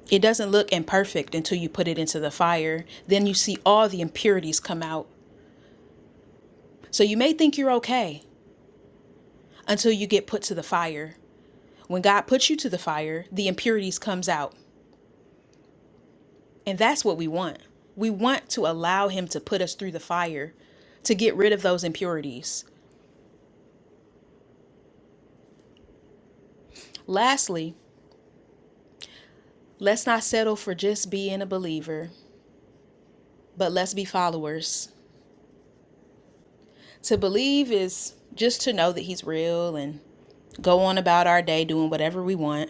S4: it doesn't look imperfect until you put it into the fire. Then you see all the impurities come out. So you may think you're okay until you get put to the fire. When God puts you to the fire, the impurities comes out. And that's what we want. We want to allow him to put us through the fire to get rid of those impurities. Lastly, let's not settle for just being a believer, but let's be followers. To believe is just to know that he's real and go on about our day doing whatever we want,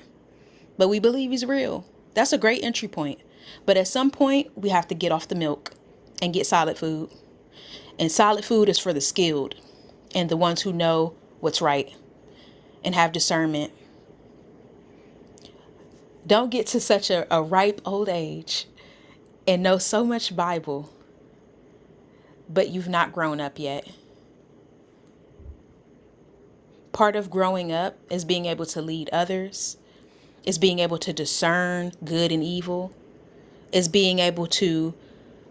S4: but we believe he's real. That's a great entry point. But at some point, we have to get off the milk and get solid food. And solid food is for the skilled and the ones who know what's right and have discernment. Don't get to such a, a ripe old age and know so much Bible, but you've not grown up yet. Part of growing up is being able to lead others, is being able to discern good and evil, is being able to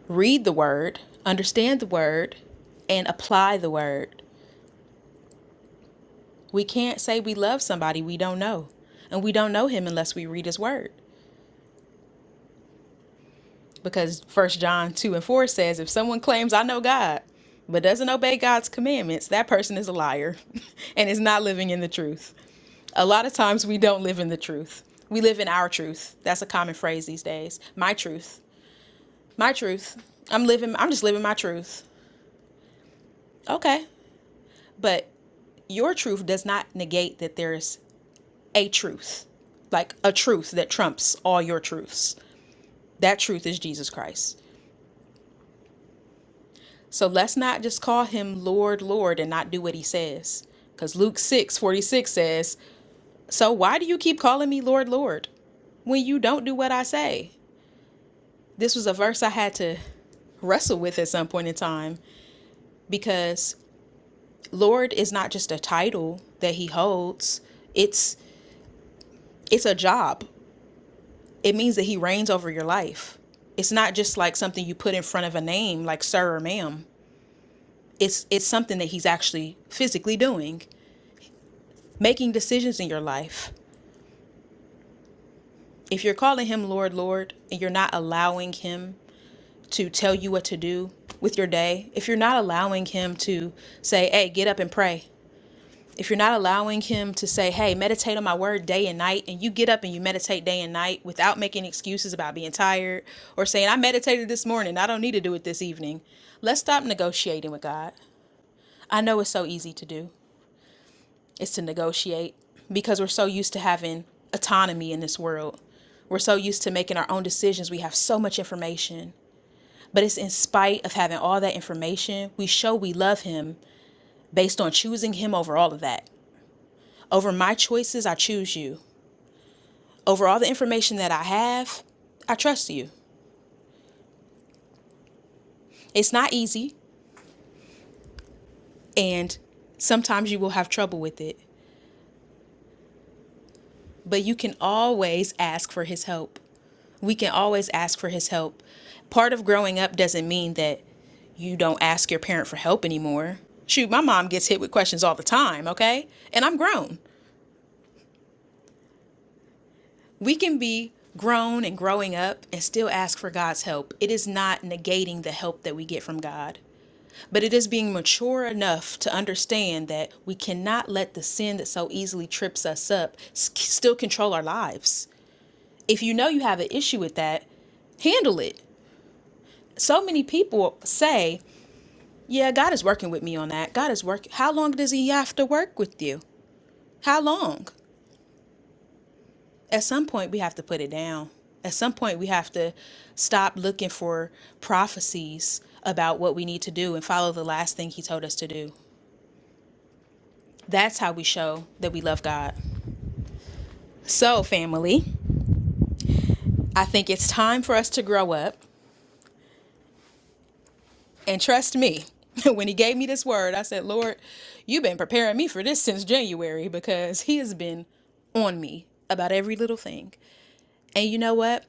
S4: read the word, understand the word, and apply the word. We can't say we love somebody we don't know. And we don't know him unless we read his word. Because First John 2 and 4 says, if someone claims, I know God, but doesn't obey God's commandments, that person is a liar <laughs> and is not living in the truth. A lot of times we don't live in the truth. We live in our truth. That's a common phrase these days. My truth. My truth. I'm living I'm just living my truth. Okay. But your truth does not negate that there's a truth, like a truth that trumps all your truths. That truth is Jesus Christ. So let's not just call him Lord, Lord, and not do what he says. Because Luke 6 46 says, So why do you keep calling me Lord, Lord when you don't do what I say? This was a verse I had to wrestle with at some point in time because Lord is not just a title that he holds. It's it's a job. it means that he reigns over your life. It's not just like something you put in front of a name like sir or ma'am. It's it's something that he's actually physically doing, making decisions in your life. If you're calling him Lord, Lord, and you're not allowing him to tell you what to do with your day, if you're not allowing him to say, "Hey, get up and pray." if you're not allowing him to say, hey, meditate on my word day and night, and you get up and you meditate day and night without making excuses about being tired or saying, I meditated this morning, I don't need to do it this evening, let's stop negotiating with God. I know it's so easy to do, it's to negotiate because we're so used to having autonomy in this world. We're so used to making our own decisions. We have so much information. But it's in spite of having all that information, we show we love him based on choosing him over all of that. Over my choices, I choose you. Over all the information that I have, I trust you. It's not easy, and sometimes you will have trouble with it, but you can always ask for His help. We can always ask for His help. Part of growing up doesn't mean that you don't ask your parent for help anymore. Shoot, my mom gets hit with questions all the time, okay? And I'm grown. We can be grown and growing up and still ask for God's help. It is not negating the help that we get from God. But it is being mature enough to understand that we cannot let the sin that so easily trips us up s- still control our lives. If you know you have an issue with that, handle it. So many people say, Yeah, God is working with me on that. God is working. How long does He have to work with you? How long? At some point, we have to put it down. At some point, we have to stop looking for prophecies about what we need to do and follow the last thing He told us to do. That's how we show that we love God. So, family, I think it's time for us to grow up. And trust me, <laughs> when he gave me this word, I said, Lord, you've been preparing me for this since January because he has been on me about every little thing. And you know what?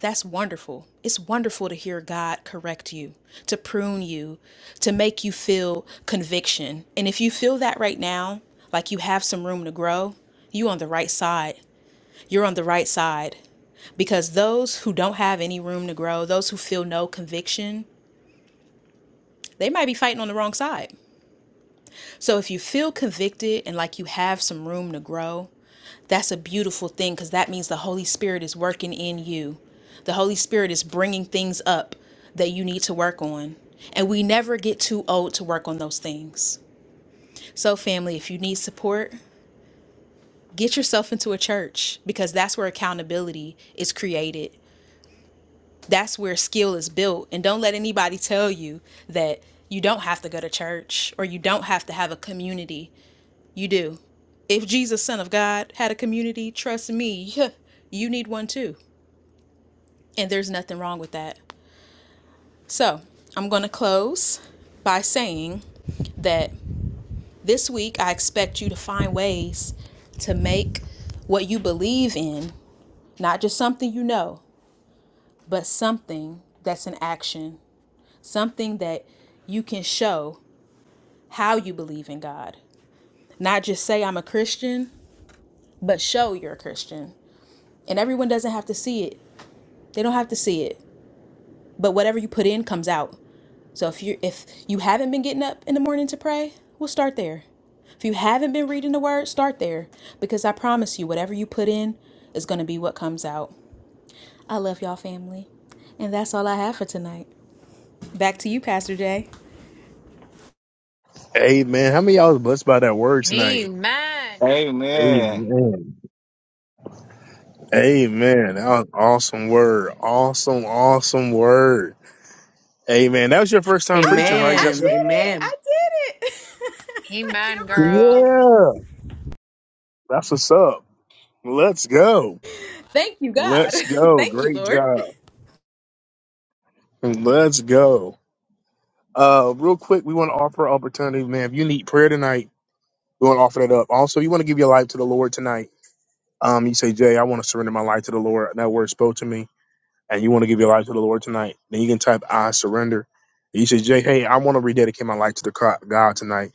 S4: That's wonderful. It's wonderful to hear God correct you, to prune you, to make you feel conviction. And if you feel that right now, like you have some room to grow, you on the right side. You're on the right side. because those who don't have any room to grow, those who feel no conviction, they might be fighting on the wrong side. So if you feel convicted and like you have some room to grow, that's a beautiful thing because that means the Holy Spirit is working in you. The Holy Spirit is bringing things up that you need to work on. And we never get too old to work on those things. So, family, if you need support, get yourself into a church because that's where accountability is created. that's where skill is built and don't let anybody tell you that you don't have to go to church or you don't have to have a community you do if jesus son of god had a community trust me yeah, you need one too and there's nothing wrong with that so i'm going to close by saying that this week i expect you to find ways to make what you believe in not just something you know but something that's an action something that you can show how you believe in God. Not just say I'm a Christian, but show you're a Christian. And everyone doesn't have to see it. They don't have to see it. But whatever you put in comes out. So if you if you haven't been getting up in the morning to pray, we'll start there. If you haven't been reading the word, start there because I promise you whatever you put in is going to be what comes out. I love y'all family. And that's all I have for tonight. Back to you, Pastor Jay.
S1: Amen. How many of y'all was blessed by that word tonight?
S5: Amen.
S3: Amen.
S1: Amen. Amen. That was awesome word. Awesome, awesome word. Amen. That was your first time preaching,
S4: Ah,
S1: right,
S4: I did
S8: Amen.
S1: Jessica?
S4: it.
S8: Amen.
S4: I did it. <laughs> I
S5: Amen,
S4: can't
S5: girl.
S4: believe it.
S1: Yeah. That's what's up. Let's go.
S4: Thank you, God.
S1: Let's
S4: <laughs>
S1: go.
S4: Thank you,
S1: Great
S4: Lord.
S1: job. Let's go. Uh, real quick, we want to offer an opportunity, man. If you need prayer tonight, we want to offer that up. Also, you want to give your life to the Lord tonight. Um, you say, Jay, I want to surrender my life to the Lord. That word spoke to me, and you want to give your life to the Lord tonight. Then you can type I surrender. And you say, Jay, hey, I want to rededicate my life to the co- God tonight.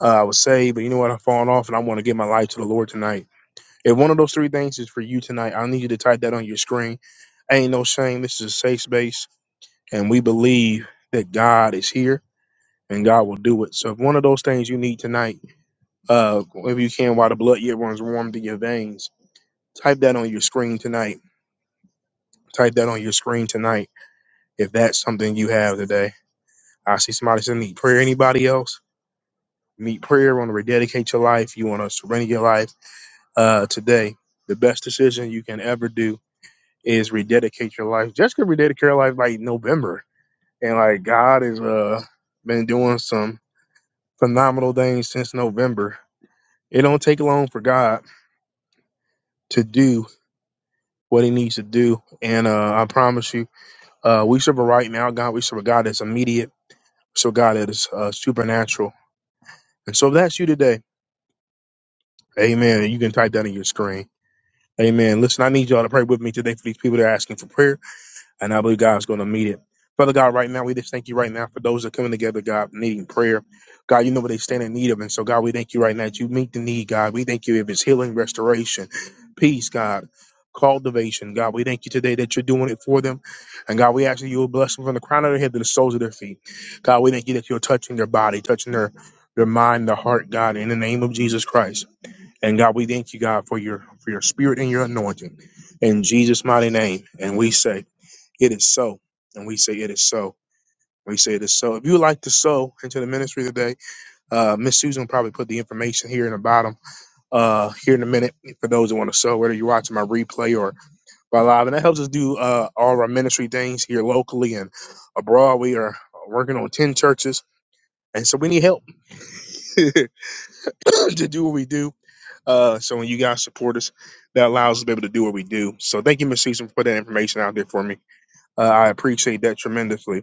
S1: Uh, I was saved, but you know what? I've fallen off, and I want to give my life to the Lord tonight. If one of those three things is for you tonight, I need you to type that on your screen. Ain't no shame. This is a safe space. and we believe that God is here and God will do it. So if one of those things you need tonight, uh, if you can, while the blood yet runs warm through your veins, type that on your screen tonight. Type that on your screen tonight. If that's something you have today, I see somebody said need prayer. Anybody else need prayer? Want to rededicate your life? You want to surrender your life uh, today? The best decision you can ever do is rededicate your life. Jessica rededicated her life like November, and like God has uh, been doing some. phenomenal things since November. It don't take long for God to do what He needs to do, and uh, I promise you, uh, we serve a right now God. We serve a God that's immediate, so God that is uh, supernatural. And so if that's you today. Amen. You can type that in your screen. Amen. Listen, I need y'all to pray with me today for these people that are asking for prayer. And I believe God's going to meet it. Father God, right now, we just thank you right now for those that are coming together, God, needing prayer. God, you know what they stand in need of. And so, God, we thank you right now that you meet the need, God. We thank you if it's healing, restoration, peace, God, cultivation. God, we thank you today that you're doing it for them. And God, we ask that you will bless them from the crown of their head to the soles of their feet. God, we thank you that you're touching their body, touching their, their mind, their heart, God, in the name of Jesus Christ. And God, we thank you, God, for your for your spirit and your anointing. In Jesus' mighty name. And we say, it is so. And we say it is so. We say it is so. If you would like to sow into the ministry today, uh, Miss Susan will probably put the information here in the bottom, uh, here in a minute for those that want to sow, whether you're watching my replay or by live. And that helps us do uh, all of our ministry things here locally and abroad. We are working on 10 churches. And so we need help <laughs> to do what we do. Uh, so when you guys support us, that allows us to be able to do what we do. So thank you, Miss Susan, for putting that information out there for me. Uh, I appreciate that tremendously.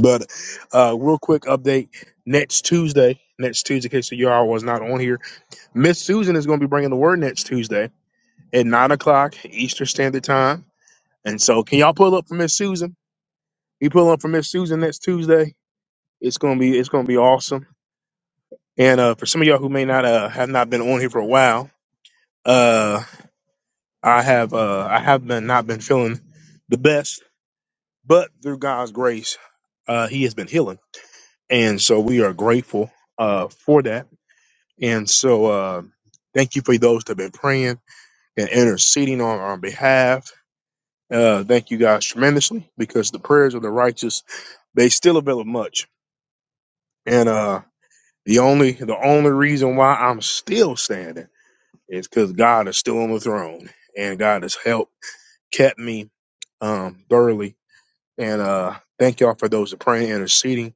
S1: But uh, real quick update next Tuesday, next Tuesday, in case the y'all was not on here, Miss Susan is going to be bringing the word next Tuesday at nine o'clock Eastern Standard Time. And so, can y'all pull up for Miss Susan? You pull up for Miss Susan next Tuesday. It's gonna be it's gonna be awesome. And uh, for some of y'all who may not uh, have not been on here for a while, uh, I have uh, I have been not been feeling the best, but through God's grace, uh, He has been healing, and so we are grateful uh, for that And so, uh, thank you for those that have been praying and interceding on our behalf. Uh, thank you guys tremendously because the prayers of the righteous they still avail of much. And uh, the only the only reason why I'm still standing is because God is still on the throne, and God has helped kept me um, thoroughly. And uh, thank y'all for those that praying and interceding.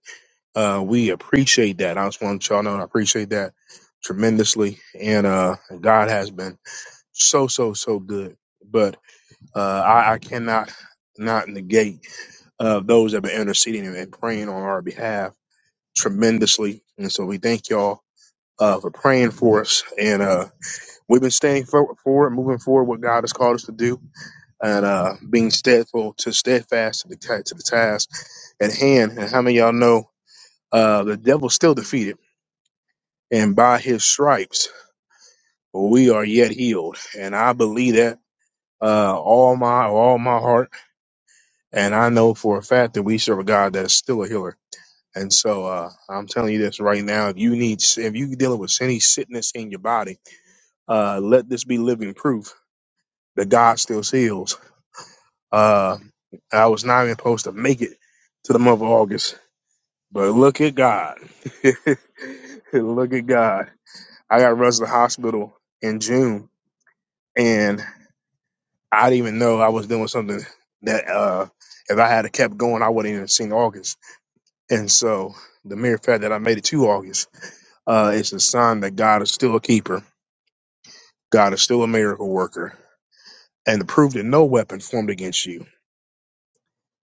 S1: Uh, we appreciate that. I just want y'all to know I appreciate that tremendously. And uh, God has been so so so good. But uh, I, I cannot not negate uh, those that have been interceding and and praying on our behalf tremendously. And so we thank y'all uh, for praying for us. And uh, we've been staying for- forward, moving forward, what God has called us to do, and uh, being steadfast to steadfast to the ta- to the task at hand. And how many of y'all know uh, the devil's still defeated, and by his stripes we are yet healed. And I believe that uh, all my all my heart And I know for a fact that we serve a God that is still a healer. And so uh, I'm telling you this right now: if you need, if you are dealing with any sickness in your body, uh, let this be living proof that God still heals. Uh, I was not even supposed to make it to the month of August, but look at God. <laughs> look at God. I got rushed to the hospital in June, and I didn't even know I was doing something that uh, if I had kept going, I wouldn't even seen August And so the mere fact that I made it to August uh, is a sign that God is still a keeper. God is still a miracle worker. And the proof that no weapon formed against you,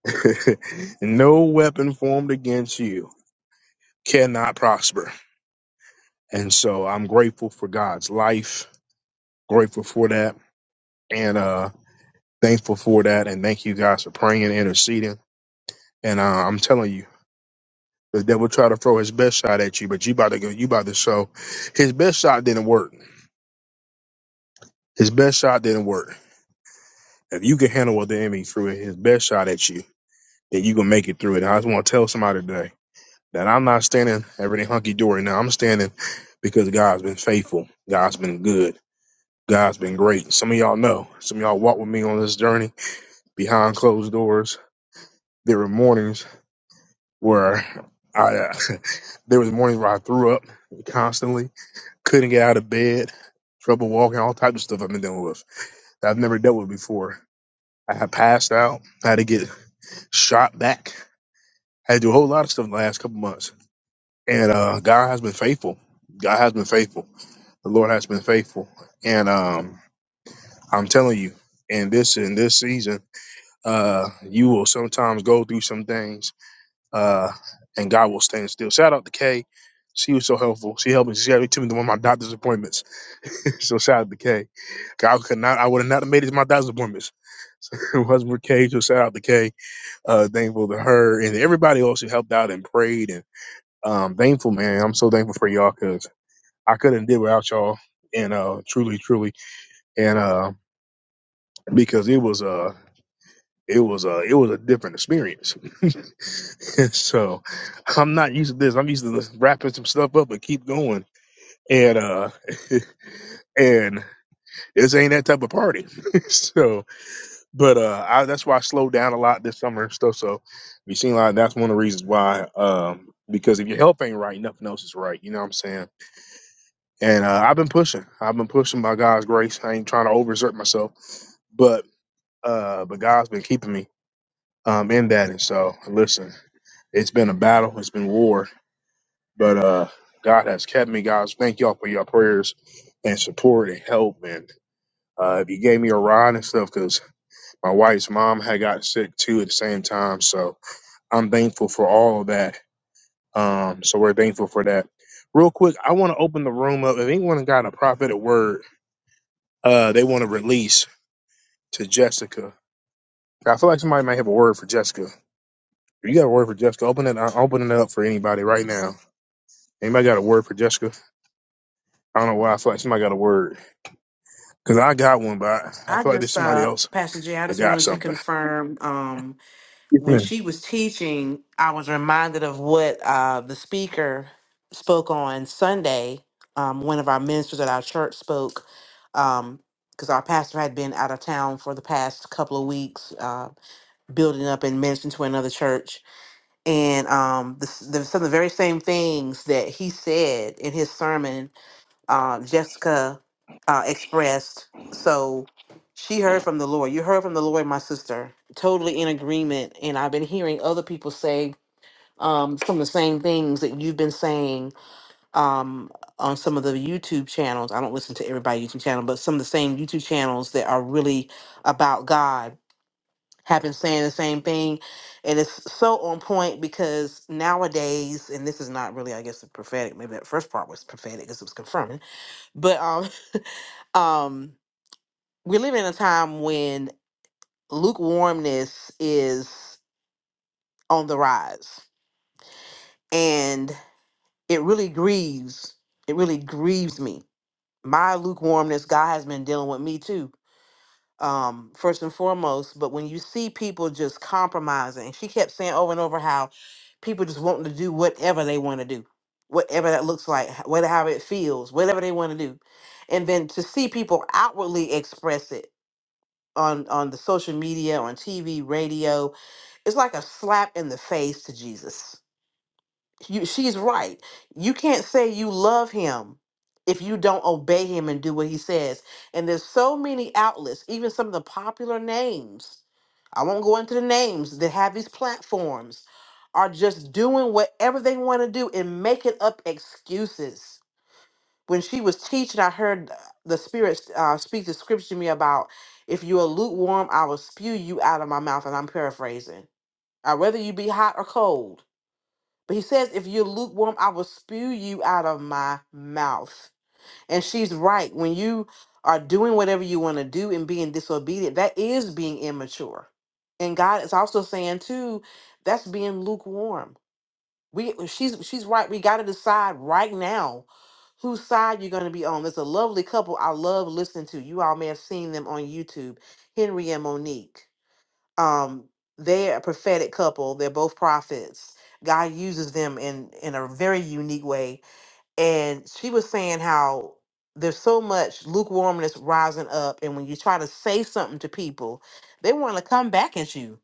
S1: <laughs> no weapon formed against you cannot prosper. And so I'm grateful for God's life, grateful for that, and uh, thankful for that. And thank you guys for praying and interceding. And uh, I'm telling you, the devil tried to throw his best shot at you, but you about to go, you about to show his best shot didn't work. His best shot didn't work If you can handle what the enemy threw his best shot at you, then you can make it through it. And I just want to tell somebody today that I'm not standing everything hunky dory now. I'm standing because God's been faithful. God's been good. God's been great. Some of y'all know. Some of y'all walked with me on this journey behind closed doors. There were mornings where I, uh, <laughs> there was mornings where I threw up constantly, couldn't get out of bed, trouble walking, all types of stuff I've been dealing with that I've never dealt with before. I had passed out, had to get shot back had to do a whole lot of stuff in the last couple months. And uh, God has been faithful. God has been faithful. The Lord has been faithful. And um, I'm telling you, in this in this season, uh, you will sometimes go through some things, uh, and God will stand still. Shout out to Kay. She was so helpful. She helped me. She helped me to one of my doctor's appointments. <laughs> so shout out to Kay. I could not. I would have not made it to my doctor's appointments. So <laughs> it wasn't for Kay. So shout out to Kay. Uh, thankful to her and everybody else who helped out and prayed and. um, thankful, man. I'm so thankful for y'all because I couldn't did without y'all, and uh, truly, truly, and uh, because it was uh, it was uh, it was a different experience. <laughs> and so I'm not used to this. I'm used to wrapping some stuff up and keep going, and uh, <laughs> and this ain't that type of party. <laughs> so, but uh, I, that's why I slowed down a lot this summer and stuff. So, you seem like that's one of the reasons why. Um, because if your health ain't right, nothing else is right. You know what I'm saying? And uh, I've been pushing. I've been pushing by God's grace. I ain't trying to overexert myself, but uh, but God's been keeping me um, in that. And so, listen, it's been a battle. It's been war, but uh, God has kept me. Guys, thank y'all for your prayers and support and help. And uh, if you gave me a ride and stuff, because my wife's mom had got sick too at the same time. So I'm thankful for all of that. Um, so we're thankful for that. Real quick, I want to open the room up. If anyone got a prophetic word uh, they want to release to Jessica. I feel like somebody might have a word for Jessica. If you got a word for Jessica, open it. I'm opening it up for anybody right now. Anybody got a word for Jessica? I don't know why I feel like somebody got a word because I got one, but I, I
S8: I
S1: feel like there's
S8: just
S1: somebody
S8: uh
S1: else
S8: Pastor Jay, I
S1: that
S8: just
S1: got
S8: wanted to
S1: something.
S8: confirm um when
S1: Amen.
S8: she was teaching, I was reminded of what uh the speaker spoke on Sunday. Um one of our ministers at our church spoke um because our pastor had been out of town for the past couple of weeks, uh, building up and ministering to another church, and um, the, the, some of the very same things that he said in his sermon uh, Jessica uh, expressed. So she heard from the Lord. You heard from the Lord, my sister. Totally in agreement. And I've been hearing other people say um, some of the same things that you've been saying um, on some of the YouTube channels. I don't listen to everybody's YouTube channel, but some of the same YouTube channels that are really about God have been saying the same thing. And it's so on point because nowadays, and this is not really, I guess, prophetic. Maybe that first part was prophetic because it was confirming. But um, <laughs> um we live in a time when lukewarmness is on the rise and it really grieves it really grieves me my lukewarmness god has been dealing with me too um first and foremost but when you see people just compromising she kept saying over and over how people just wanting to do whatever they want to do whatever that looks like whatever it feels whatever they want to do and then to see people outwardly express it on on the social media, on TV, radio, it's like a slap in the face to Jesus. You, she's right. You can't say you love him if you don't obey him and do what he says. And there's so many outlets, even some of the popular names. I won't go into the names that have these platforms are just doing whatever they want to do and making up excuses when she was teaching, I heard the Spirit uh, speak the scripture to me about if you are lukewarm, I will spew you out of my mouth. And I'm paraphrasing. Uh, whether you be hot or cold. But he says, if you're lukewarm, I will spew you out of my mouth. And she's right. When you are doing whatever you want to do and being disobedient, that is being immature. And God is also saying, too, that's being lukewarm we she's she's right. We got to decide right now whose side you're going to be on. There's a lovely couple I love listening to. You all may have seen them on YouTube, Henry and Monique. Um, they're a prophetic couple. They're both prophets. God uses them in in a very unique way. And she was saying how there's so much lukewarmness rising up, and when you try to say something to people, they want to come back at you.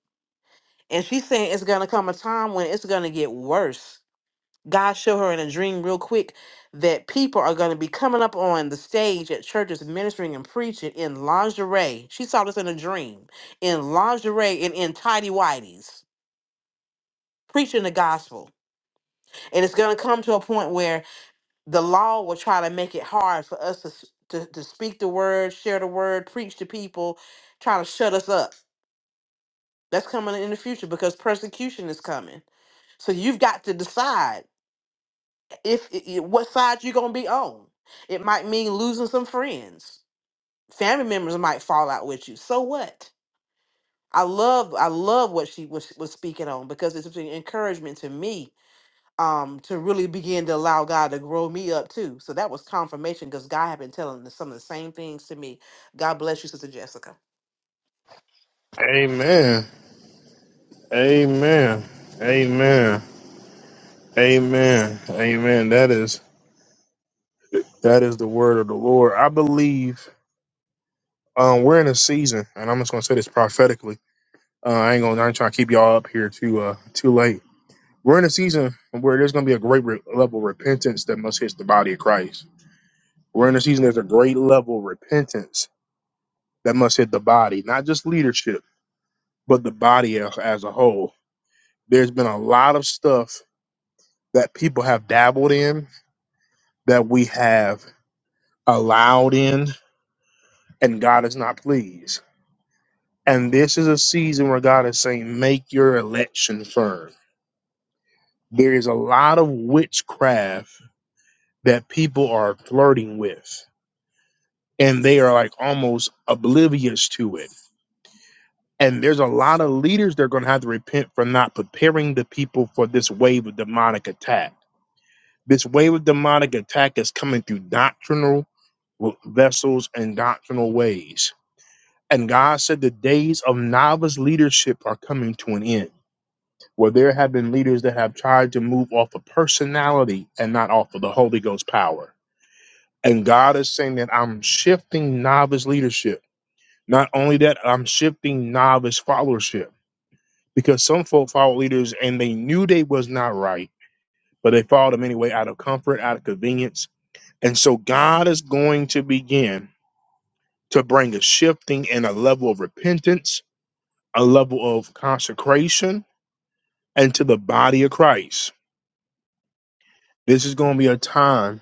S8: And she's saying it's going to come a time when it's going to get worse God showed her in a dream real quick that people are going to be coming up on the stage at churches ministering and preaching in lingerie. She saw this in a dream in lingerie and in tidy whities preaching the gospel. And it's going to come to a point where the law will try to make it hard for us to, s- to, to speak the word, share the word, preach to people, try to shut us up. That's coming in the future because persecution is coming. So you've got to decide. if i- i- what side you're gonna be on. It might mean losing some friends. Family members might fall out with you. So what? I love I love what she was was speaking on because it's an encouragement to me um to really begin to allow God to grow me up too. So that was confirmation because God had been telling the- some of the same things to me. God bless you, Sister Jessica.
S1: Amen. Amen. Amen. Amen. Amen. That is that is the word of the Lord. I believe um, we're in a season, and I'm just going to say this prophetically. Uh, I ain't gonna. I ain't trying to keep y'all up here too uh, too late We're in a season where there's going to be a great re- level of repentance that must hit the body of Christ. We're in a season there's a great level of repentance that must hit the body, not just leadership, but the body as, as a whole. There's been a lot of stuff that people have dabbled in that we have allowed in, and God is not pleased. And this is a season where God is saying, make your election firm. There is a lot of witchcraft that people are flirting with and they are like almost oblivious to it. And there's a lot of leaders that are going to have to repent for not preparing the people for this wave of demonic attack. This wave of demonic attack is coming through doctrinal w- vessels and doctrinal ways. And God said the days of novice leadership are coming to an end, where there have been leaders that have tried to move off of personality and not off of the Holy Ghost power. And God is saying that I'm shifting novice leadership Not only that, I'm shifting novice followership because some folk follow leaders and they knew they was not right, but they followed them anyway out of comfort, out of convenience. And so God is going to begin to bring a shifting and a level of repentance, a level of consecration into the body of Christ. This is going to be a time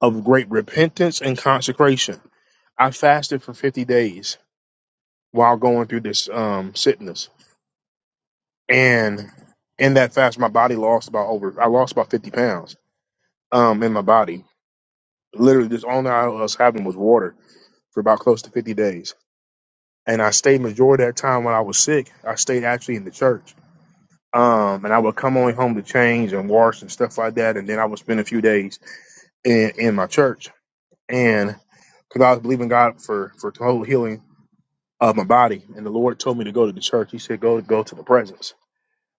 S1: of great repentance and consecration. I fasted for 50 days while going through this um, sickness and in that fast, my body lost about over I lost about fifty pounds um in my body. Literally, just all I was having was water for about close to fifty days, and I stayed majority of that time when I was sick. I stayed actually in the church, um, and I would come only home to change and wash and stuff like that, and then I would spend a few days in in my church, and because I was believing God for for total healing of my body, and the Lord told me to go to the church. He said, "Go go to the presence."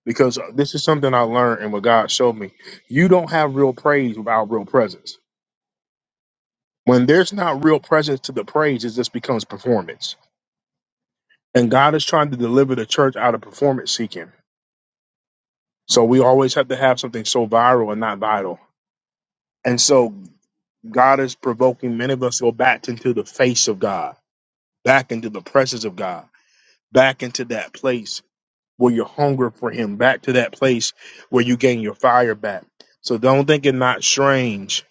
S1: because this is something I learned and what God showed me. You don't have real praise without real presence. When there's not real presence to the praise, it just becomes performance. And God is trying to deliver the church out of performance seeking. So we always have to have something so viral and not vital. And so God is provoking many of us to go back into the face of God, back into the presence of God, back into that place where you hunger for Him, back to that place where you gain your fire back. So don't think it not strange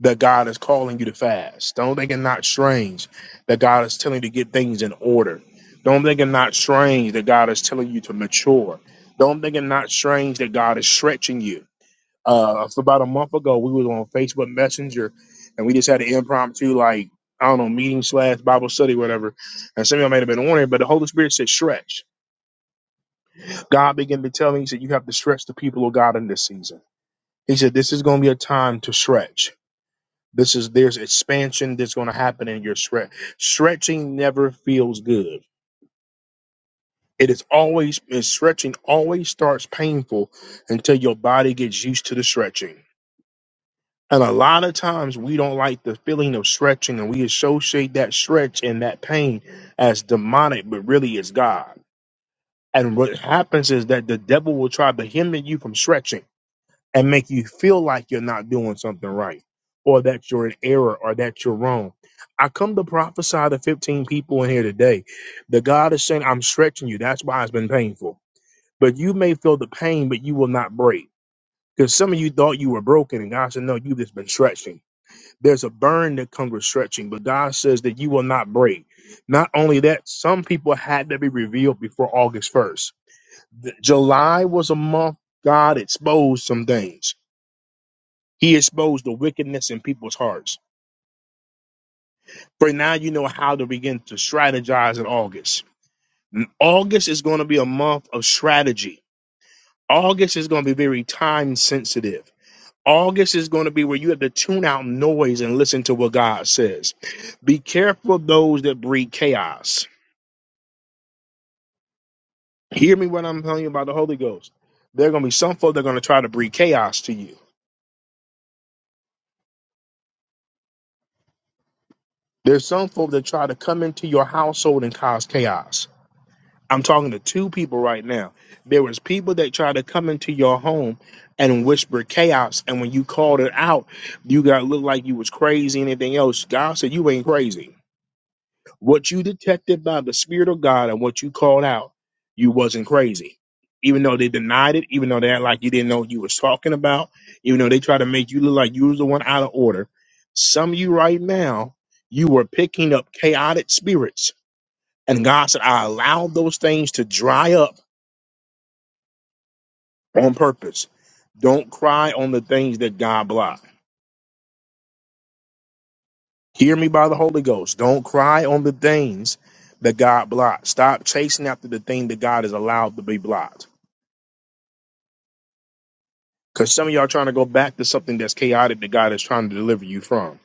S1: that God is calling you to fast. Don't think it's not strange that God is telling you to get things in order. Don't think it's not strange that God is telling you to mature. Don't think it's not strange that God is stretching you. Uh, so about a month ago, we was on Facebook Messenger, and we just had an impromptu like I don't know meeting slash Bible study whatever, and some of y'all may have been on it, but the Holy Spirit said stretch. God began to tell me, He said you have to stretch the people of God in this season. He said this is going to be a time to stretch. This is there's expansion that's going to happen in your stretch. Stretching never feels good. It is always and stretching always starts painful until your body gets used to the stretching. And a lot of times we don't like the feeling of stretching and we associate that stretch and that pain as demonic, but really it's God. And what happens is that the devil will try to hinder you from stretching and make you feel like you're not doing something right or that you're in error or that you're wrong. I come to prophesy to 15 people in here today. The God is saying, I'm stretching you. That's why it's been painful. But you may feel the pain, but you will not break. Because some of you thought you were broken, and God said, No, you've just been stretching. There's a burn that comes with stretching, but God says that you will not break. Not only that, some people had to be revealed before August 1st. Th- July was a month God exposed some things. He exposed the wickedness in people's hearts. For now, you know how to begin to strategize in August. N- August is going to be a month of strategy. August is going to be very time sensitive. August is going to be where you have to tune out noise and listen to what God says. Be careful of those that breed chaos. Hear me when I'm telling you about the Holy Ghost. There are going to be some folk that are going to try to breed chaos to you. There's some folk that try to come into your household and cause chaos. I'm talking to two people right now. There was people that tried to come into your home and whisper chaos, and when you called it out, you got looked like you was crazy and anything else. God said you ain't crazy. What you detected by the Spirit of God and what you called out, you wasn't crazy. Even though they denied it, even though they act like you didn't know what you was talking about, even though they tried to make you look like you was the one out of order, some of you right now, you were picking up chaotic spirits. And God said, I allowed those things to dry up on purpose. Don't cry on the things that God blocked. Hear me by the Holy Ghost. Don't cry on the things that God blocked. Stop chasing after the thing that God has allowed to be blocked. Because some of y'all trying to go back to something that's chaotic that God is trying to deliver you from.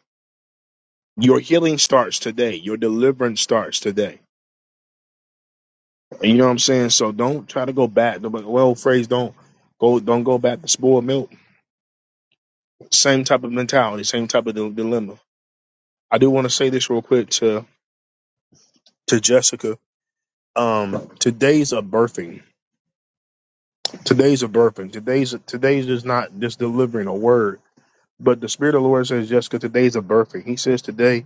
S1: Your healing starts today. Your deliverance starts today. And you know what I'm saying? So don't try to go back. The well phrase don't go don't go back to spoiled milk. Same type of mentality, same type of dil- dilemma. I do want to say this real quick to to Jessica um today's a birthing today's a birthing today's today's is not just delivering a word but the spirit of the lord says jessica today's a birthing he says today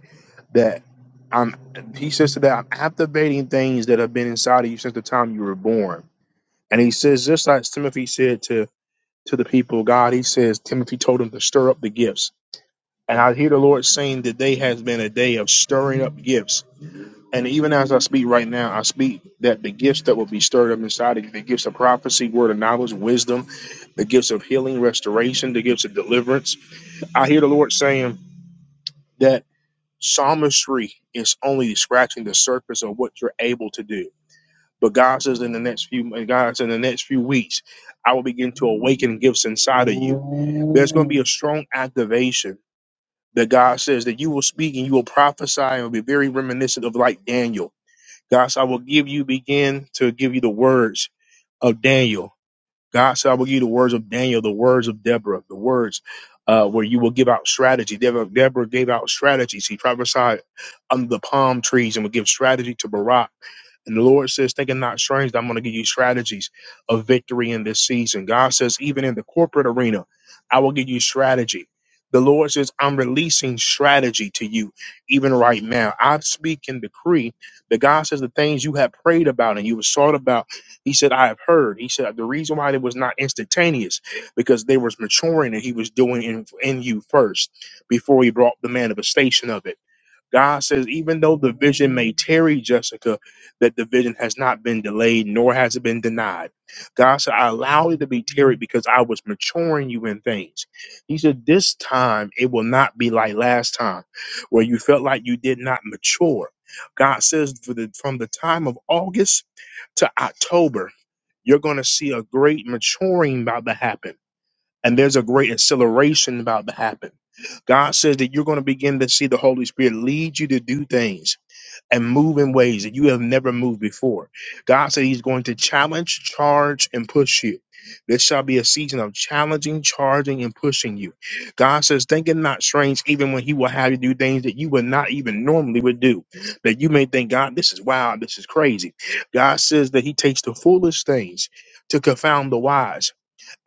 S1: that i'm he says today i'm activating things that have been inside of you since the time you were born and he says just like timothy said to to the people of god he says timothy told him to stir up the gifts and i hear the lord saying today has been a day of stirring up gifts And even as I speak right now, I speak that the gifts that will be stirred up inside of you, the gifts of prophecy, word of knowledge, wisdom, the gifts of healing, restoration, the gifts of deliverance. I hear the Lord saying that psalmistry is only scratching the surface of what you're able to do. But God says in the next few God says in the next few weeks, I will begin to awaken gifts inside of you. There's going to be a strong activation that God says that you will speak and you will prophesy and will be very reminiscent of like Daniel God said, I will give you, begin to give you the words of Daniel. God said, I will give you the words of Daniel, the words of Deborah, the words uh, where you will give out strategy. Deborah, Deborah gave out strategy. She prophesied under the palm trees and would give strategy to Barak. And the Lord says, Think it not strange that I'm going to give you strategies of victory in this season. God says, Even in the corporate arena, I will give you strategy. The Lord says, I'm releasing strategy to you even right now. I speak and decree that God says the things you have prayed about and you have sought about. He said, I have heard. He said, the reason why it was not instantaneous because they was maturing and he was doing in, in you first before he brought the manifestation of it. God says, even though the vision may tarry, Jessica, that the vision has not been delayed, nor has it been denied. God said, I allowed it to be tarried because I was maturing you in things. He said, This time it will not be like last time, where you felt like you did not mature. God says, for the, from the time of August to October, you're going to see a great maturing about to happen and there's a great acceleration about to happen. God says that you're going to begin to see the Holy Spirit lead you to do things and move in ways that you have never moved before. God said He's going to challenge, charge, and push you. This shall be a season of challenging, charging, and pushing you. God says, "Think it not strange, even when He will have you do things that you would not even normally would do. That you may think, God, this is wild, this is crazy. God says that He takes the foolish things to confound the wise.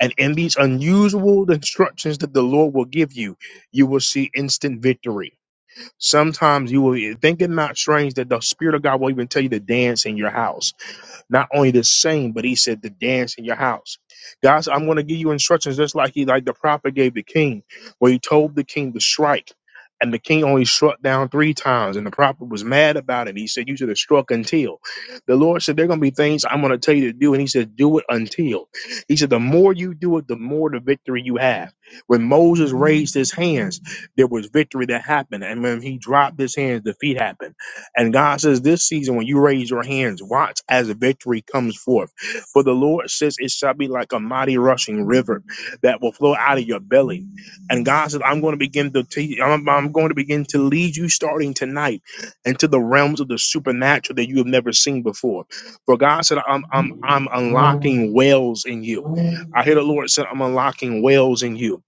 S1: And in these unusual instructions that the Lord will give you, you will see instant victory. Sometimes you will think it not strange that the Spirit of God will even tell you to dance in your house not only the same, but he said the dance in your house. God said, I'm going to give you instructions just like he like the prophet gave the king, where he told the king to strike. And the king only struck down three times, and the prophet was mad about it. He said, You should have struck until. The Lord said, There are going to be things I'm going to tell you to do. And he said, Do it until. He said, The more you do it, the more the victory you have. When Moses raised his hands, there was victory that happened. And when he dropped his hands, defeat happened. And God says, This season, when you raise your hands, watch as victory comes forth. For the Lord says, It shall be like a mighty rushing river that will flow out of your belly. And God says, I'm going to begin to te- I'm, I'm going to begin to lead you starting tonight into the realms of the supernatural that you have never seen before. For God said, I'm I'm I'm unlocking wells in you. I hear the Lord said, I'm unlocking wells in you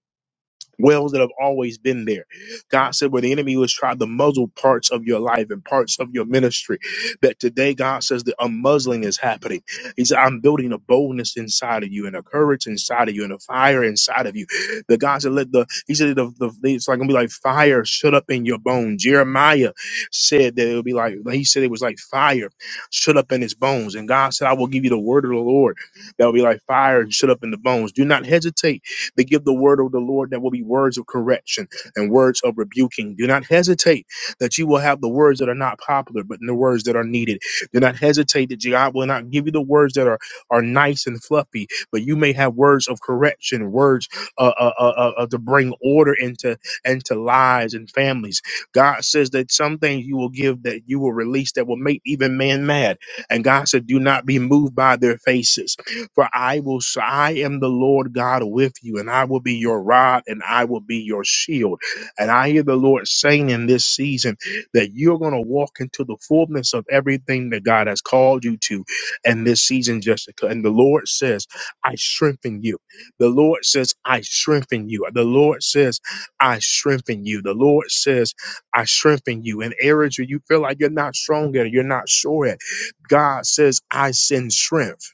S1: wells that have always been there. God said where the enemy was trying to muzzle parts of your life and parts of your ministry, that today God says the unmuzzling is happening. He said, I'm building a boldness inside of you and a courage inside of you and a fire inside of you. The God said, let the, he said, the, the, it's like going to be like fire shut up in your bones. Jeremiah said that it would be like, he said it was like fire shut up in his bones. And God said, I will give you the word of the Lord that will be like fire and shut up in the bones. Do not hesitate they give the word of the Lord that will be words of correction and words of rebuking. Do not hesitate that you will have the words that are not popular, but the words that are needed. Do not hesitate that God will not give you the words that are, are nice and fluffy, but you may have words of correction, words uh, uh, uh, uh, uh, to bring order into into lives and families. God says that some things you will give that you will release that will make even man mad. And God said, do not be moved by their faces. For I will, s- I am the Lord God with you, and I will be your rod, and I will be your shield. And I hear the Lord saying in this season that you're going to walk into the fullness of everything that God has called you to. And this season, Jessica, and the Lord says, I strengthen you. The Lord says, I strengthen you. The Lord says, I strengthen you. The Lord says, I strengthen you. In areas where you feel like you're not strong at, you're not sure at, God says, I send strength.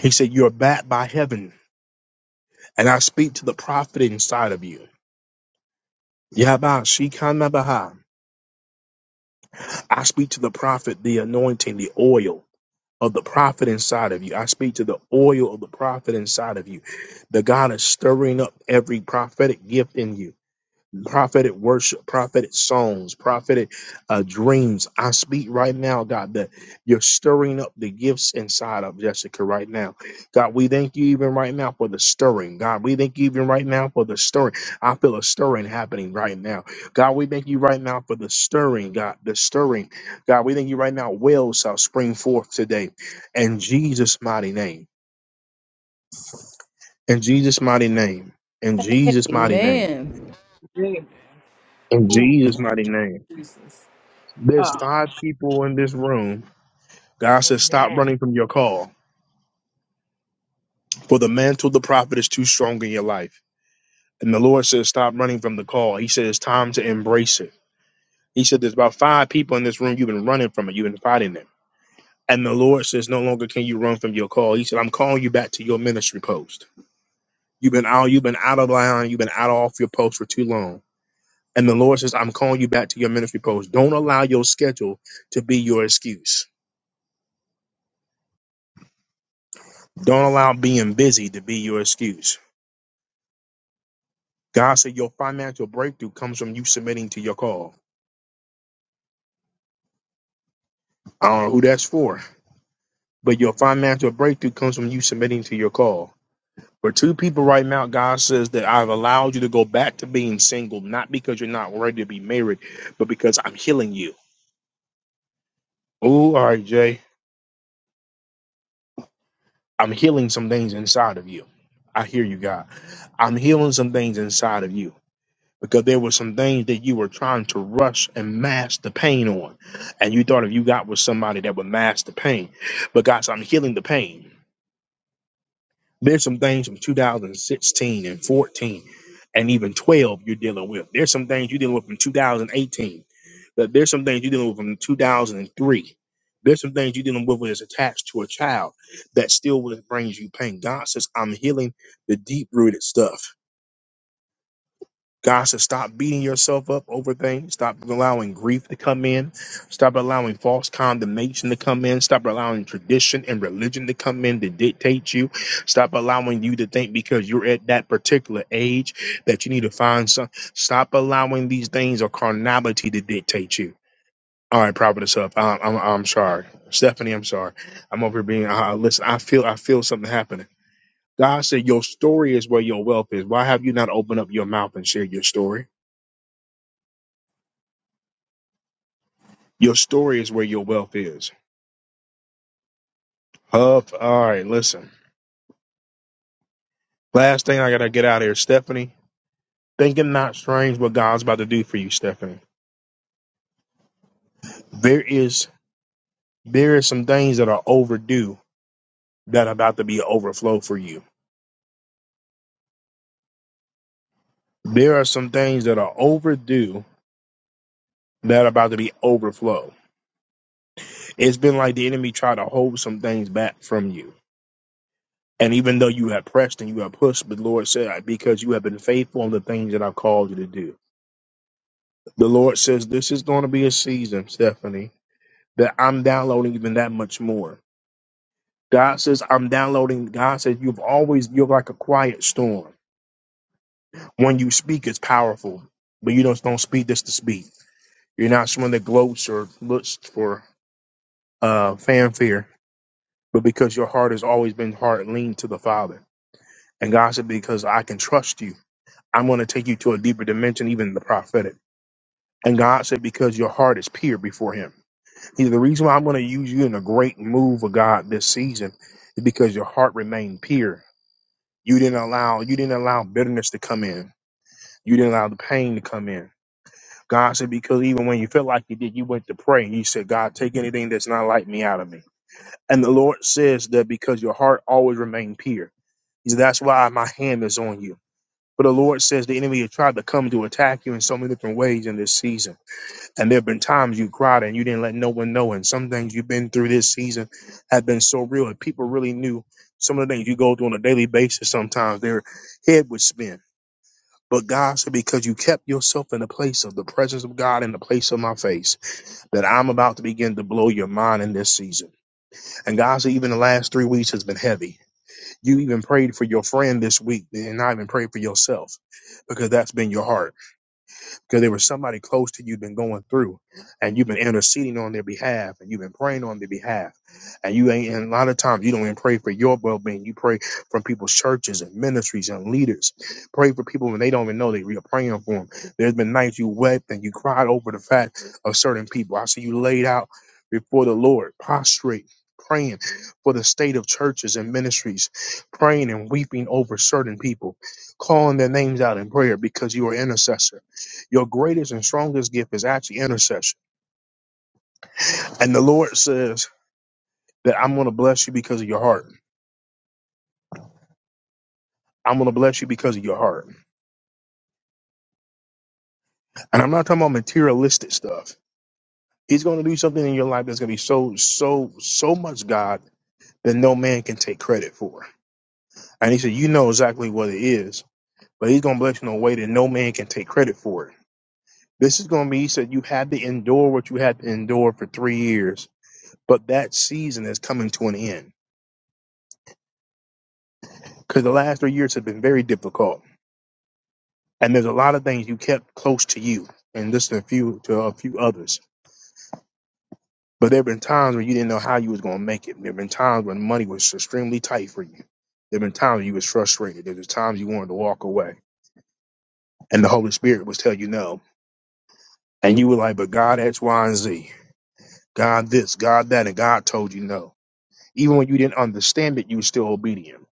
S1: He said, You're backed by heaven, and I speak to the prophet inside of you. Yabba Shikanabaha. I speak to the prophet, the anointing, the oil of the prophet inside of you. I speak to the oil of the prophet inside of you. The God is stirring up every prophetic gift in you. prophetic worship, prophetic songs, prophetic uh, dreams. I speak right now, God, that you're stirring up the gifts inside of Jessica right now. God, we thank you even right now for the stirring. God, we thank you even right now for the stirring. I feel a stirring happening right now. God, we thank you right now for the stirring, God, the stirring. God, we thank you right now. Wells shall spring forth today in Jesus' mighty name. In Jesus' mighty name. In Jesus' mighty name.
S4: Amen.
S2: Amen.
S1: In
S2: Ooh,
S1: Jesus' mighty name.
S2: Jesus.
S1: There's
S2: Uh,
S1: five people in this room. God says, Stop
S8: Amen.
S1: running from your call. For the mantle of the prophet is too strong in your life. And the Lord says, Stop running from the call. He says It's time to embrace it. He said, There's about five people in this room. You've been running from it. You've been fighting them. And the Lord says, No longer can you run from your call. He said, I'm calling you back to your ministry post. You've been out, you've been out of line, you've been out off your post for too long. And the Lord says, I'm calling you back to your ministry post. Don't allow your schedule to be your excuse. Don't allow being busy to be your excuse God said your financial breakthrough comes from you submitting to your call. I don't know who that's for, but your financial breakthrough comes from you submitting to your call. For two people right now, God says that I've allowed you to go back to being single, not because you're not ready to be married, but because I'm healing you. Oh, all right, Jay. I'm healing some things inside of you. I hear you, God. I'm healing some things inside of you. because there were some things that you were trying to rush and mask the pain on. And you thought if you got with somebody that would mask the pain. But God said, I'm healing the pain. There's some things from 2016 and 14 and even 12 you're dealing with. There's some things you're dealing with from 2018. That there's some things you're dealing with from 2003. There's some things you're dealing with that's attached to a child that still will- brings you pain. God says, I'm healing the deep rooted stuff. God says, stop beating yourself up over things. Stop allowing grief to come in. Stop allowing false condemnation to come in. Stop allowing tradition and religion to come in to dictate you. Stop allowing you to think because you're at that particular age that you need to find some. Stop allowing these things or carnality to dictate you. All right, Providence up. I'm, I'm, I'm sorry. Stephanie, I'm sorry. I'm over here being, uh, listen, I feel, I feel something happening. God said, your story is where your wealth is. Why have you not opened up your mouth and shared your story? Your story is where your wealth is. Huff. All right, listen. Last thing I gotta get out of here, Stephanie. Thinking not strange what God's about to do for you, Stephanie. There is there is some things that are overdue that are about to be overflow for you. There are some things that are overdue that are about to be overflow. It's been like the enemy tried to hold some things back from you. And even though you have pressed and you have pushed, but the Lord said, because you have been faithful in the things that I've called you to do. The Lord says, this is going to be a season, Stephanie that I'm downloading even that much more. God says, I'm downloading. God says, you've always, you're like a quiet storm. When you speak, it's powerful, but you don't, don't speak just to speak. You're not someone that gloats or looks for uh, fanfare, but because your heart has always been hard leaned to the Father. And God said, because I can trust you, I'm going to take you to a deeper dimension, even the prophetic. And God said, because your heart is pure before Him. See, the reason why I'm going to use you in a great move of God this season is because your heart remained pure. You didn't allow you didn't allow bitterness to come in. You didn't allow the pain to come in. God said, because even when you felt like you did, you went to pray and you said, God, take anything that's not like me out of me. And the Lord says that because your heart always remained pure. He said, That's why my hand is on you. But the Lord says the enemy has tried to come to attack you in so many different ways in this season. And there have been times you cried and you didn't let no one know. And some things you've been through this season have been so real, and people really knew some of the things you go through on a daily basis. Sometimes their head would spin. But God said, because you kept yourself in the place of the presence of God in the place of my face, that I'm about to begin to blow your mind in this season. And God said, even the last three weeks has been heavy. You even prayed for your friend this week and not even prayed for yourself because that's been your heart because there was somebody close to you been going through and you've been interceding on their behalf and you've been praying on their behalf and you ain't and a lot of times you don't even pray for your well-being you pray from people's churches and ministries and leaders pray for people when they don't even know that you're praying for them there's been nights you wept and you cried over the fact of certain people i see you laid out before the lord prostrate praying for the state of churches and ministries praying and weeping over certain people calling their names out in prayer because you are intercessor your greatest and strongest gift is actually intercession. And the Lord says that I'm going to bless you because of your heart. I'm going to bless you because of your heart. And I'm not talking about materialistic stuff. He's going to do something in your life that's going to be so, so, so much God that no man can take credit for. And he said, You know exactly what it is, but he's going to bless you in a way that no man can take credit for it. This is going to be, he said, You had to endure what you had to endure for three years, but that season is coming to an end because the last three years have been very difficult And there's a lot of things you kept close to you, and just a few to a few others. But there have been times when you didn't know how you was gonna make it. There have been times when money was extremely tight for you. There have been times when you was frustrated. There was times you wanted to walk away, and the Holy Spirit was telling you no, and you were like, "But God X, Y, and Z, God this, God that, and God told you no." Even when you didn't understand it, you were still obedient.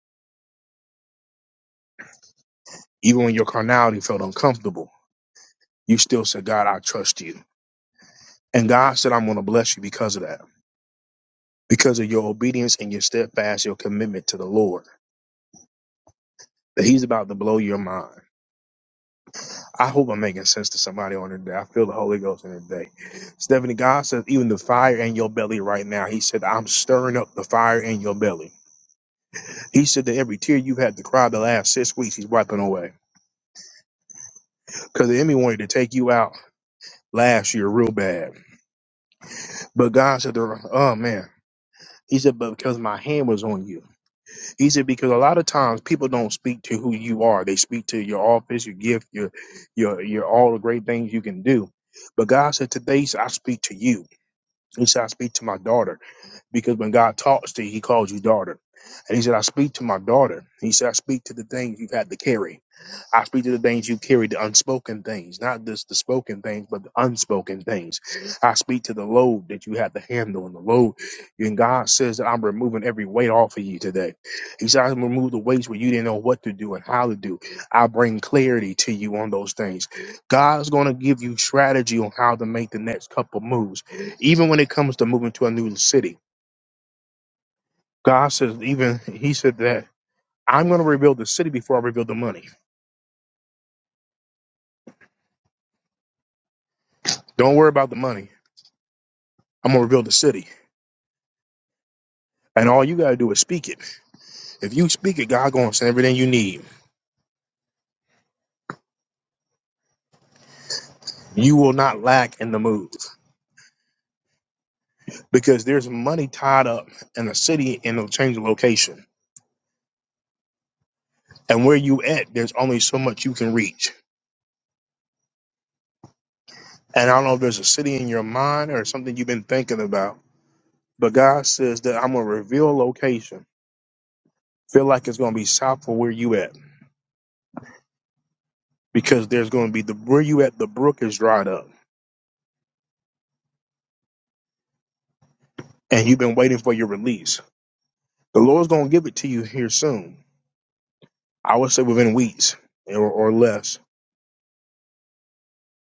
S1: Even when your carnality felt uncomfortable, you still said, "God, I trust you." And God said, "I'm gonna bless you because of that." because of your obedience and your steadfast, your commitment to the Lord. That He's about to blow your mind. I hope I'm making sense to somebody on today. I feel the Holy Ghost in today. Stephanie, God says, even the fire in your belly right now, He said, I'm stirring up the fire in your belly. He said that every tear you've had to cry the last six weeks, He's wiping away. Because the enemy wanted to take you out last year real bad. But God said, oh man. He said, but because my hand was on you. He said because a lot of times people don't speak to who you are. They speak to your office, your gift, your your your all the great things you can do. But God said today I speak to you. He said I speak to my daughter. Because when God talks to you, he calls you daughter. And he said, I speak to my daughter. He said, I speak to the things you've had to carry. I speak to the things you carry, the unspoken things, not just the spoken things, but the unspoken things. I speak to the load that you had to handle and the load. And God says that I'm removing every weight off of you today. He said, I remove the weights where you didn't know what to do and how to do. I bring clarity to you on those things. God's going to give you strategy on how to make the next couple moves, even when it comes to moving to a new city. God says, even He said that I'm going to rebuild the city before I rebuild the money. Don't worry about the money. I'm going to rebuild the city. And all you got to do is speak it. If you speak it, God going to send everything you need. You will not lack in the move because there's money tied up in the city and it'll change the location. And where you at, there's only so much you can reach. And I don't know if there's a city in your mind or something you've been thinking about, but God says that I'm going to reveal location. Feel like it's going to be south of where you at because there's going to be the where you at the brook is dried up and you've been waiting for your release. The Lord's going to give it to you here soon. I would say within weeks or, or less.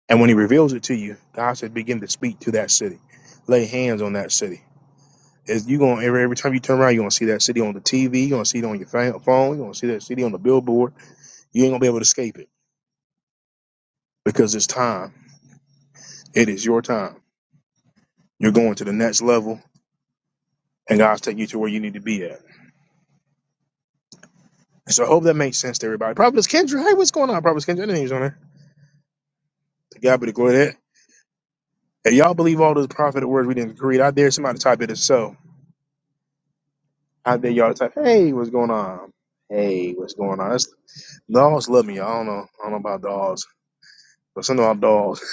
S1: And when He reveals it to you, God said, begin to speak to that city, lay hands on that city. Is you going every every time you turn around, you're gonna see that city on the TV, you're gonna see it on your fa- phone, you're gonna see that city on the billboard. You ain't gonna be able to escape it because it's time. It is your time. You're going to the next level, and God's taking you to where you need to be at. So I hope that makes sense to everybody. Prophetess Kendra, hey, what's going on, Prophetess Kendra? Your name's on there. To God be the glory of that. If y'all believe all those prophetic words we didn't create, I dare somebody to type it as so. I dare y'all to type, hey, what's going on? Hey, what's going on? That's, dogs love me. I don't know. I don't know about dogs. But something about dogs. <laughs>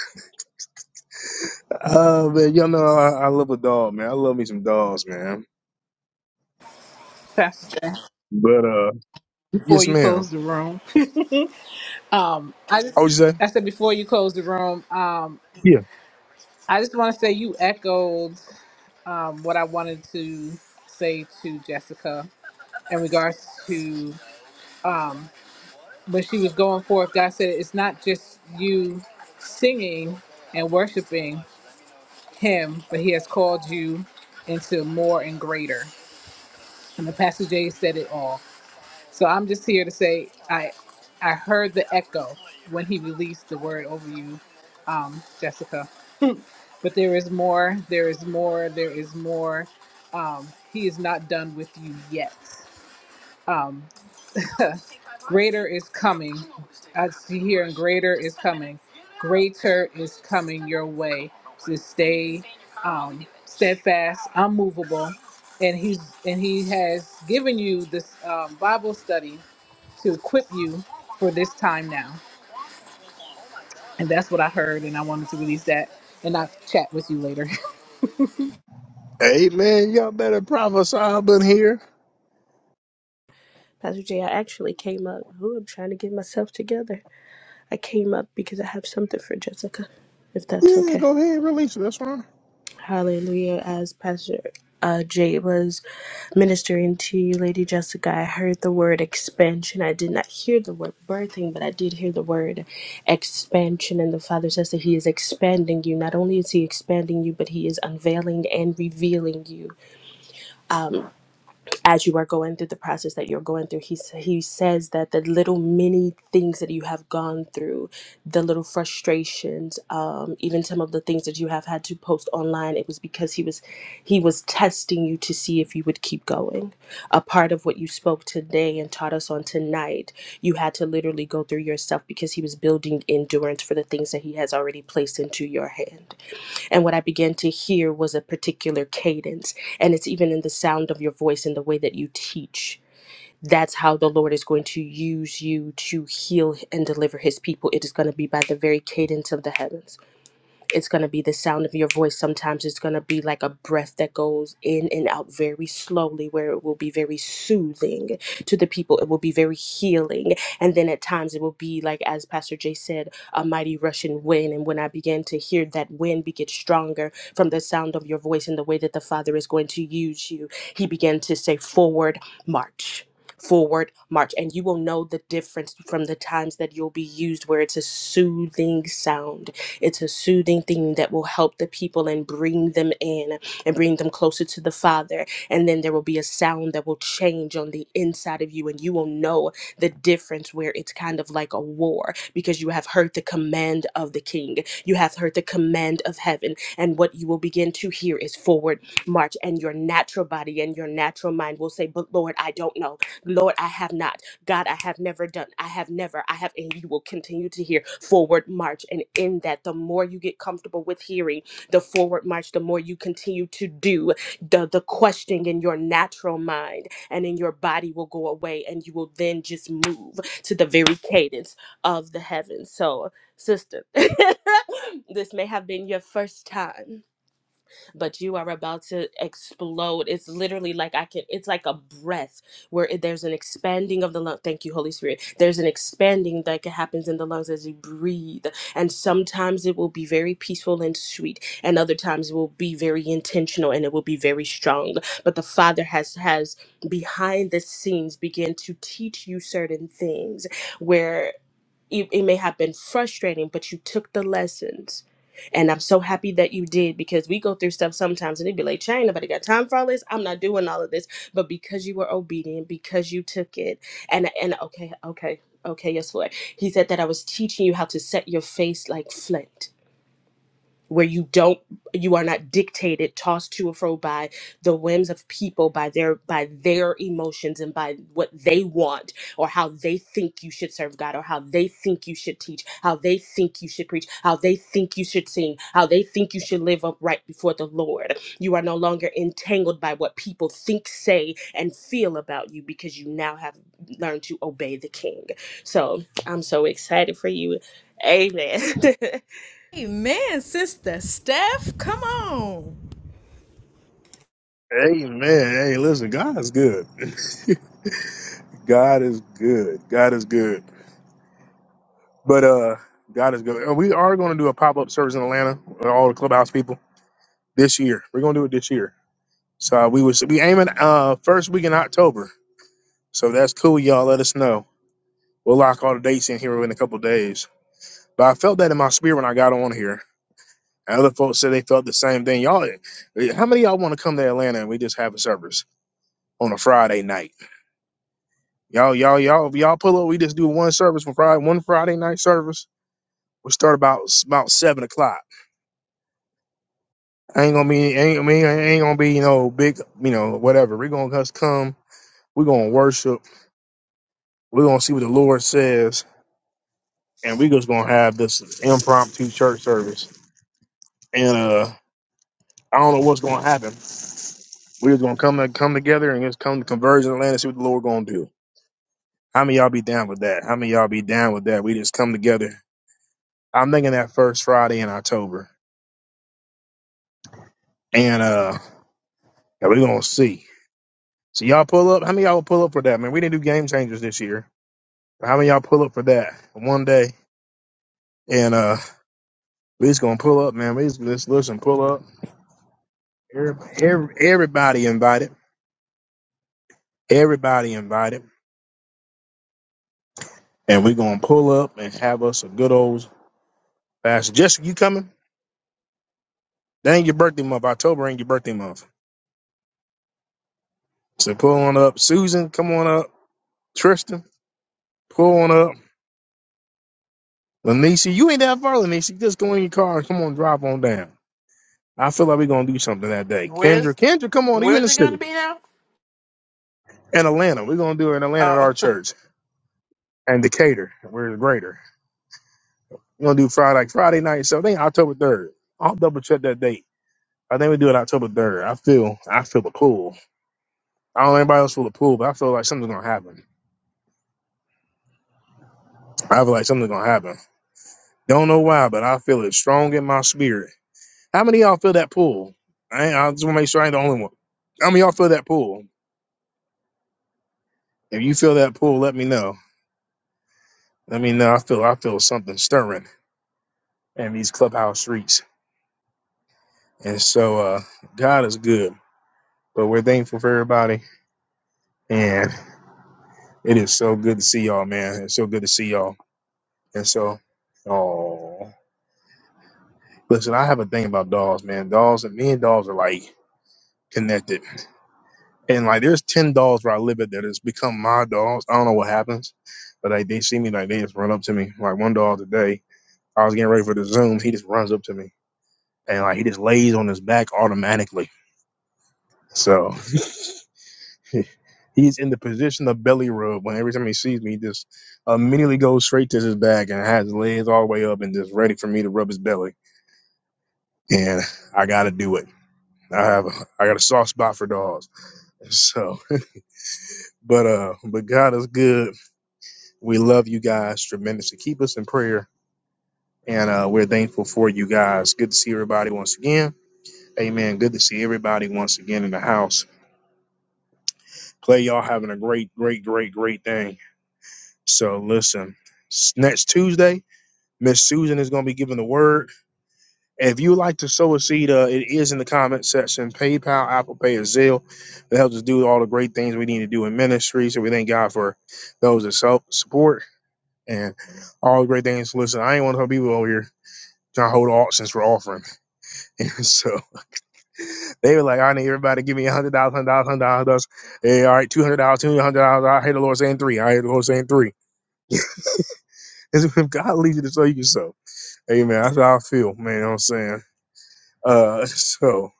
S1: Uh, man, y'all know I, I love a dog, man. I love me some dogs, man.
S2: Pastor, Jay,
S1: But, uh,
S2: before
S1: yes,
S2: you
S1: ma'am.
S2: close the room, um, I
S1: How would
S2: just
S1: you say?
S2: I said before you close the room, um,
S1: Yeah.
S2: I just want to say you echoed. um, what I wanted to say to Jessica in regards to when she was going forth. God said it's not just you singing and worshiping Him, but He has called you into more and greater. And the Pastor Jay said it all. So I'm just here to say I I heard the echo when he released the word over you, um, Jessica. But there is more. There is more. There is more. Um, he is not done with you yet. Um, greater is coming. I see here, and greater is coming. Greater is coming your way. So stay um, steadfast, unmovable, and he's and he has given you this um, Bible study to equip you for this time now. And that's what I heard, and I wanted to release that, and I'll chat with you later. <laughs>
S1: Hey, man, y'all better prophesy up in here.
S9: Pastor J, I actually came up. Ooh, I'm trying to get myself together. I came up because I have something for Jessica, if that's
S1: Yeah,
S9: okay.
S1: go ahead, release it. That's fine.
S9: Hallelujah. As Pastor uh, Jay was ministering to you, Lady Jessica, I heard the word expansion. I did not hear the word birthing, but I did hear the word expansion. And the Father says that He is expanding you. Not only is He expanding you, but He is unveiling and revealing you. as you are going through the process that you're going through he s- he says that the little mini things that you have gone through the little frustrations um even some of the things that you have had to post online it was because he was he was testing you to see if you would keep going a part of what you spoke today and taught us on tonight you had to literally go through yourself because he was building endurance for the things that he has already placed into your hand and what I began to hear was a particular cadence. And it's even in the sound of your voice and the way that you teach. That's how the Lord is going to use you to heal and deliver his people. It is going to be by the very cadence of the heavens it's going to be the sound of your voice. Sometimes it's going to be like a breath that goes in and out very slowly, where it will be very soothing to the people. It will be very healing. And then at times it will be like, as Pastor Jay said, a mighty rushing wind. And when I began to hear that wind be- get stronger from the sound of your voice and the way that the Father is going to use you, he began to say, Forward, march forward march and you will know the difference from the times that you'll be used where it's a soothing sound it's a soothing thing that will help the people and bring them in and bring them closer to the Father. And then there will be a sound that will change on the inside of you, and you will know the difference where it's kind of like a war because you have heard the command of the King, you have heard the command of heaven. And what you will begin to hear is forward march, and your natural body and your natural mind will say, But Lord, I don't know. Lord, I have not. God, I have never done, I have never, I have, and you will continue to hear forward march. And in that, the more you get comfortable with hearing the forward march, the more you continue to do the, the questioning in your natural mind and in your body will go away. And you will then just move to the very cadence of the heavens. So, sister, <laughs> this may have been your first time but you are about to explode. It's literally like I can, it's like a breath where it, there's an expanding of the lung. Thank you, Holy Spirit. There's an expanding that ca- happens in the lungs as you breathe. And sometimes it will be very peaceful and sweet, and other times it will be very intentional and it will be very strong. But the Father has, has behind the scenes begin to teach you certain things where it, it may have been frustrating, but you took the lessons. And I'm so happy that you did because we go through stuff sometimes and it'd be like, Chain, nobody got time for all this. I'm not doing all of this. But because you were obedient, because you took it, and and okay, okay, okay, yes, Lord. He said that I was teaching you how to set your face like flint where you don't you are not dictated tossed to and fro by the whims of people by their by their emotions and by what they want or how they think you should serve god or how they think you should teach how they think you should preach how they think you should sing how they think you should live upright before the lord you are no longer entangled by what people think say and feel about you because you now have learned to obey the king so i'm so excited for you amen <laughs>
S4: Amen, Sister Steph. Come on.
S1: Hey man, hey, listen, God is good. <laughs> God is good. God is good. But uh God is good. And we are gonna do a pop-up service in Atlanta with all the clubhouse people this year. We're gonna do it this year. So we was we aiming uh first week in October. So if that's cool, y'all. Let us know. We'll lock all the dates in here within a couple of days. But I felt that in my spirit when I got on here. And other folks said they felt the same thing. Y'all eh, how many of y'all wanna come to Atlanta and we just have a service on a Friday night? Y'all, y'all, y'all, if y'all pull up. We just do one service for Friday, one Friday night service. We start about about seven o'clock. Ain't gonna be, ain't I mean, ain't gonna be, you know, big, you know, whatever. We're gonna just come. We're gonna worship. We're gonna see what the Lord says, and we just gonna have this impromptu church service. And uh, I don't know what's gonna happen. We're just gonna come to, come together and just come to conversion land and see what the Lord gonna do. How many of y'all be down with that? How many of y'all be down with that? We just come together. I'm thinking that first Friday in October, and uh. Yeah, we're gonna see. So y'all pull up. How many of y'all will pull up for that, man? We didn't do game changers this year. But how many of y'all pull up for that one day? And uh we just gonna pull up, man. We just, just listen, pull up. Everybody, everybody invited. Everybody invited. And we're gonna pull up and have us a good old fast. Jessica, you coming? That ain't your birthday month. October ain't your birthday month. So pull on up. Susan, come on up. Tristan, pull on up. Lanisha, you ain't that far, Lanisha. Just go in your car and come on, drive on down. I feel like we're gonna do something that day. Kendra,
S8: Where's
S1: Kendra, come on, you in
S8: where's
S1: the
S8: it gonna
S1: city.
S8: be now?
S1: In Atlanta. We're gonna do it in Atlanta at our
S8: Oh <laughs>
S1: church. And Decatur. We're in greater. We're gonna do Friday like Friday night, so I think October third. I'll double check that date. I think we do it October third. I feel I feel the pool. I don't know anybody else feel the pool, but I feel like something's gonna happen. I feel like something's gonna happen. Don't know why, but I feel it strong in my spirit. How many of y'all feel that pool? I, ain't- I just wanna make sure I ain't the only one. How many of y'all feel that pool? If you feel that pool, let me know. Let me know. I feel I feel something stirring. and these clubhouse streets. And so uh, God is good. But we're thankful for everybody. And it is so good to see y'all, man. It's so good to see y'all. And so, oh, listen, I have a thing about dolls, man. Dolls and me and dolls are like connected. And like, there's 10 dolls where I live at that has become my dolls. I don't know what happens, but like, they see me, like, they just run up to me. Like, one doll today, I was getting ready for the Zoom. He just runs up to me and like, he just lays on his back automatically. So. <laughs> He's in the position of belly rub. When every time he sees me, he just immediately goes straight to his back and has his legs all the way up and just ready for me to rub his belly. And I got to do it. I have a, I got a soft spot for dogs. So, <laughs> but uh, but God is good. We love you guys tremendously. Keep us in prayer, and uh, we're thankful for you guys. Good to see everybody once again. Amen. Good to see everybody once again in the house. Play y'all having a great, great, great, great thing. So listen, s- next Tuesday. Miss Susan is going to be giving the word. If you would like to sow a seed, uh, it is in the comment section. PayPal, Apple Pay, or Zelle. That helps us do all the great things we need to do in ministry. So we thank God for those that so- support and all the great things. Listen, I ain't one of those people over here trying to hold auctions for offering. <laughs> And so they were like, I need everybody to give me a hundred dollars, hundred dollars, hundred dollars. Hey, all right, two hundred dollars, two hundred dollars. I hear the Lord saying three. I hear the Lord saying three. <laughs> If God leads you to sow, you can sow. Amen. That's how I feel, man. You know what I'm saying? Uh, <laughs> so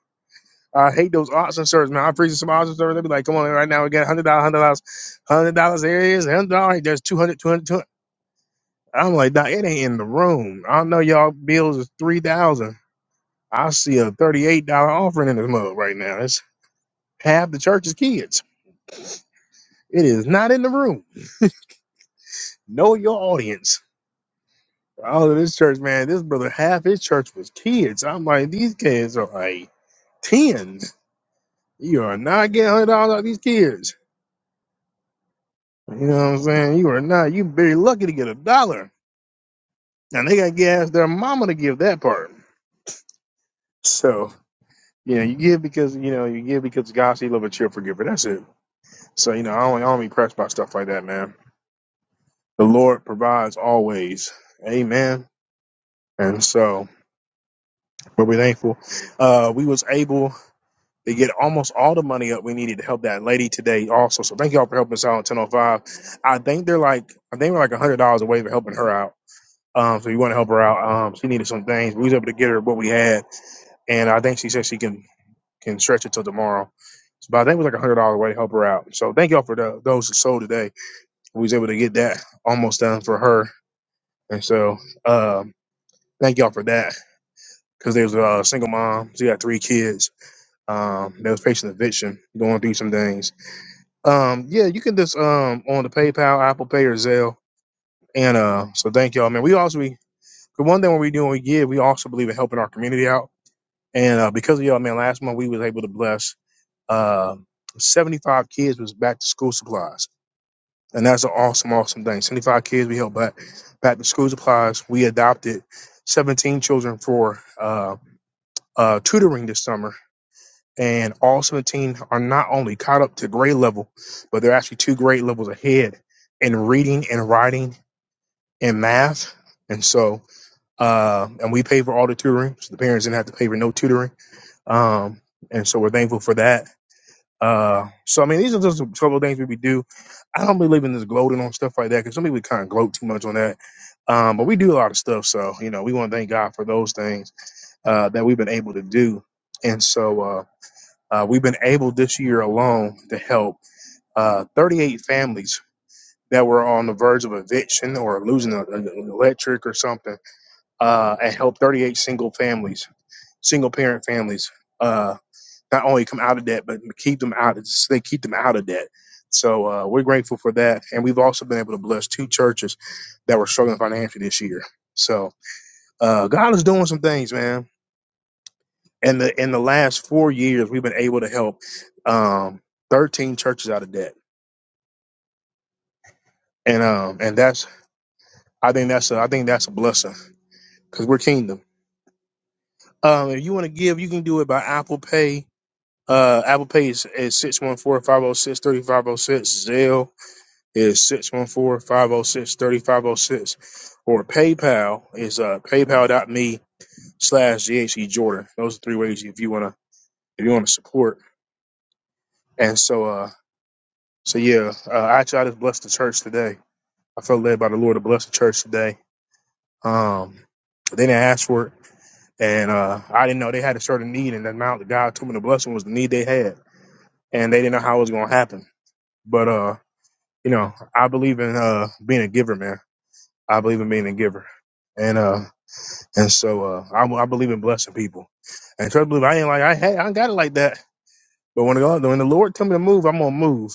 S1: I hate those odds and service, man. I appreciate some odds and service. They be like, come on, right now we got hundred dollars, hundred dollars, hundred dollars. There it is, hundred dollars. There's 200, 200, I'm like, nah, it ain't in the room. I know y'all bills is three thousand. I see a thirty-eight dollar offering in this mug right now. It's half the church's kids. It is not in the room. Know your audience. All of this church, man. This brother, half his church was kids. I'm like, these kids are like tens. You are not getting hundred dollars out of these kids. You know what I'm saying? You are not. You very lucky to get a dollar, and they got to ask their mama to give that part. So you know, you give because you know you give because God see love a cheerful giver. That's it. So you know, I don't, I don't be pressed by stuff like that, man. The Lord provides always. Amen. And so we'll be thankful. Uh, we was able to get almost all the money up we needed to help that lady today also. So thank y'all for helping us out on 1005. I think they're like, I think we're like $100 away for helping her out. Um, so we want to help her out. Um, she needed some things. We was able to get her what we had, and I think she said she can can stretch it till tomorrow. So, but I think it was like a hundred dollars away to help her out. So thank y'all for the, those that sold today. We was able to get that almost done for her, and so um, thank y'all for that. Because there's a single mom, she got three kids. Um, that was patient eviction, going through some things. Um, yeah, you can just um on the PayPal, Apple Pay, or Zelle. And uh, so thank y'all, man. We also we the one thing when we do when we give, we also believe in helping our community out. And uh, because of y'all, man, last month we was able to bless uh, 75 kids with back to school supplies, and that's an awesome, awesome thing. 75 kids we helped back back to school supplies. We adopted 17 children for uh, uh, tutoring this summer, and all 17 are not only caught up to grade level, but they're actually two grade levels ahead in reading and writing and math. And so, uh, and we pay for all the tutoring, so the parents didn't have to pay for no tutoring. Um, and so we're thankful for that Uh, so I mean, these are just a couple of things that we do. I don't believe in this gloating on stuff like that because some people kind of gloat too much on that. Um, but we do a lot of stuff, so you know, we want to thank God for those things uh, that we've been able to do. And so uh, uh, we've been able this year alone to help uh, 38 families that were on the verge of eviction or losing a- an electric or something, uh, and help 38 single families, single parent families. Uh not only come out of debt, but keep them out. Just they keep them out of debt. So uh, we're grateful for that, and we've also been able to bless two churches that were struggling financially this year. So uh, God is doing some things, man. And the in the last four years, we've been able to help um, thirteen churches out of debt, and um, and that's I think that's a, I think that's a blessing because we're kingdom. Um, if you want to give, you can do it by Apple Pay. Uh, Apple Pay is, is 614 Zelle is six one four five zero six thirty five zero six, or PayPal is uh, paypal.me slash GHC Jordan. Those are three ways if you want to, if you want to support. And so, uh, so yeah, uh, I try to bless the church today. I felt led by the Lord to bless the church today. Um, they didn't ask for it. And, uh, I didn't know they had a certain need and the amount that God told me to bless them was the need they had. And they didn't know how it was going to happen. But, uh, you know, I believe in, uh, being a giver, man. I believe in being a giver. And, uh, And so uh, I, I believe in blessing people. And try to believe I ain't like I hey I ain't got it like that. But when God when the Lord tell me to move, I'm gonna move.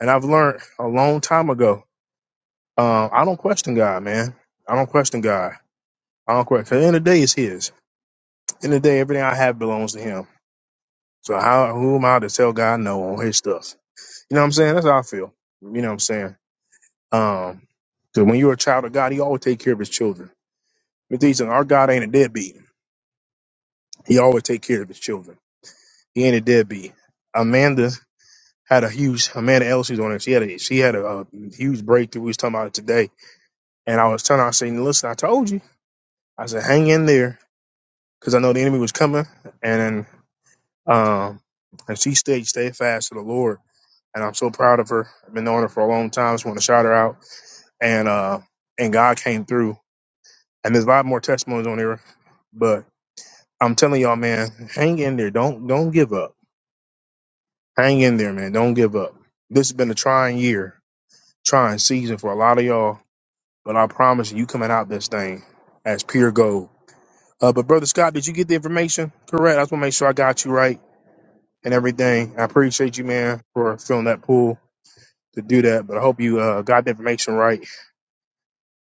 S1: And I've learned a long time ago. Um, I don't question God, man. I don't question God. I don't question. 'cause In the end of the day, it's His. In the end of the day, everything I have belongs to Him. So how who am I to tell God no on His stuff? You know what I'm saying? That's how I feel. You know what I'm saying? Um, because when you're a child of God, He always take care of His children. But these our God ain't a deadbeat. He always take care of His children. He ain't a deadbeat. Amanda had a huge Amanda Ellis who's on it. She had a she had a, uh huge breakthrough. We was talking about it today, and I was telling her, I said, "Listen, I told you. I said, hang in there, because I know the enemy was coming." And um, and she stayed stayed fast to the Lord, and I'm so proud of her. I've been knowing her for a long time. Just want to shout her out, and uh, and God came through. And there's a lot more testimonies on here, but I'm telling y'all, man, hang in there. Don't don't give up. Hang in there, man. Don't give up. This has been a trying year trying season for a lot of y'all, but I promise you, you coming out this thing as pure gold. Uh, but brother Scott, did you get the information correct? I just want to make sure I got you right and everything. I appreciate you, man, for filling that pool to do that. But I hope you uh, got the information right,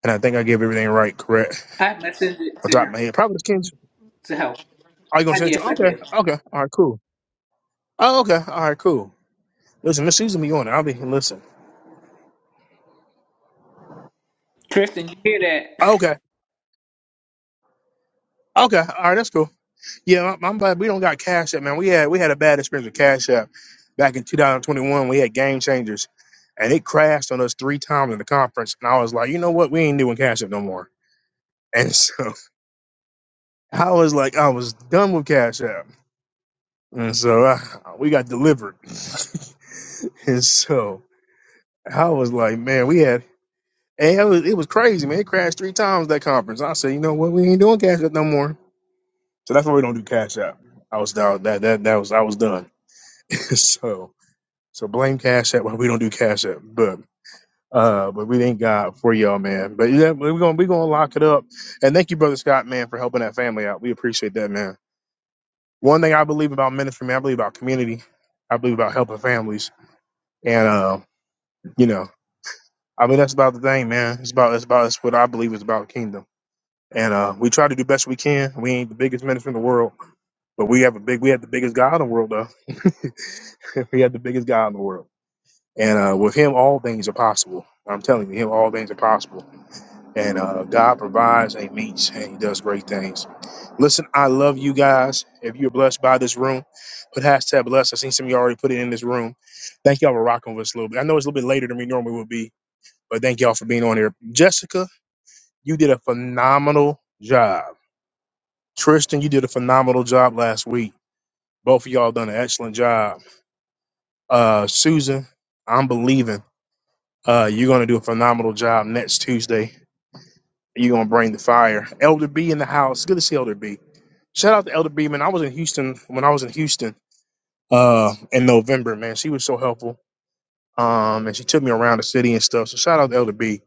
S1: and I think I gave everything right, correct.
S2: I messaged it
S1: I
S2: to
S1: dropped
S2: him
S1: my head. Probably Kings.
S2: to help.
S1: Are you gonna
S2: I
S1: send it to?
S2: yes, I
S1: Okay,
S2: did.
S1: okay, all right, cool. Oh, okay, all right, cool. Listen, this season be on. it. I'll be listen.
S2: Kristen, you hear that?
S1: Okay, okay, all right, that's cool. Yeah, I'm, I'm glad we don't got Cash App, man. We had we had a bad experience with Cash App back in 2021. We had Game Changers, and it crashed on us three times in the conference. And I was like, you know what? We ain't doing Cash App no more. And so <laughs> I was like, I was done with Cash App, and so uh, we got delivered. <laughs> and so I was like, man, we had. And it was, it was crazy, man. It crashed three times that conference. I said, you know what? We ain't doing Cash App no more. So that's why we don't do Cash App. I was down. That that that was I was done. <laughs> so So blame Cash App. Well, We don't do Cash App, but uh, but we thank God for y'all, man. But yeah, we're gonna we're gonna lock it up. And thank you, brother Scott, man, for helping that family out. We appreciate that, man. One thing I believe about ministry, man, I believe about community. I believe about helping families, and uh, you know, I mean that's about the thing, man. It's about it's about it's what I believe is about the kingdom. And uh, we try to do best we can. We ain't the biggest ministry in the world, but we have a big we have the biggest God in the world though. <laughs> we have the biggest God in the world. And uh, with him, all things are possible. I'm telling you, him, all things are possible. And uh, God provides and meets, and he does great things. Listen, I love you guys. If you're blessed by this room, put hashtag blessed. I seen some of you already put it in this room. Thank y'all for rocking with us a little bit. I know it's a little bit later than we normally would be, but thank y'all for being on here. Jessica, you did a phenomenal job. Tristan, you did a phenomenal job last week. Both of y'all done an excellent job. Uh, Susan, I'm believing. Uh, you're going to do a phenomenal job next Tuesday. You're going to bring the fire. Elder B in the house. Good to see Elder B. Shout out to Elder B, man. I was in Houston when I was in Houston uh, in November, man. She was so helpful. Um, and she took me around the city and stuff. So shout out to Elder B.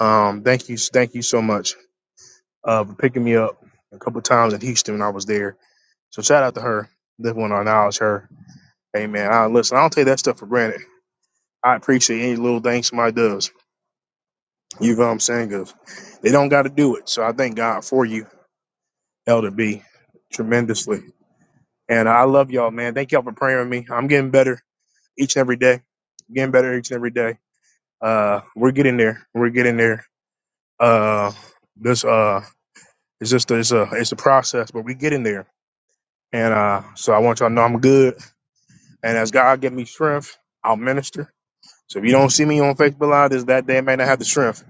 S1: Um, thank you, thank you so much uh, for picking me up a couple times in Houston when I was there. So shout out to her. This one I acknowledge her. Hey man, I listen. I don't take that stuff for granted. I appreciate any little thing somebody does. You know what I'm saying? 'Cause they don't got to do it. So I thank God for you, Elder B, tremendously. And I love y'all, man. Thank y'all for praying with me. I'm getting better each and every day. getting better each and every day. Uh, we're getting there. We're getting there. Uh, this uh, it's just it's a it's a process, but we getting there. And uh, so I want y'all to know I'm good. And as God give me strength, I'll minister. So if you don't see me on Facebook Live, this that day I may not have the strength,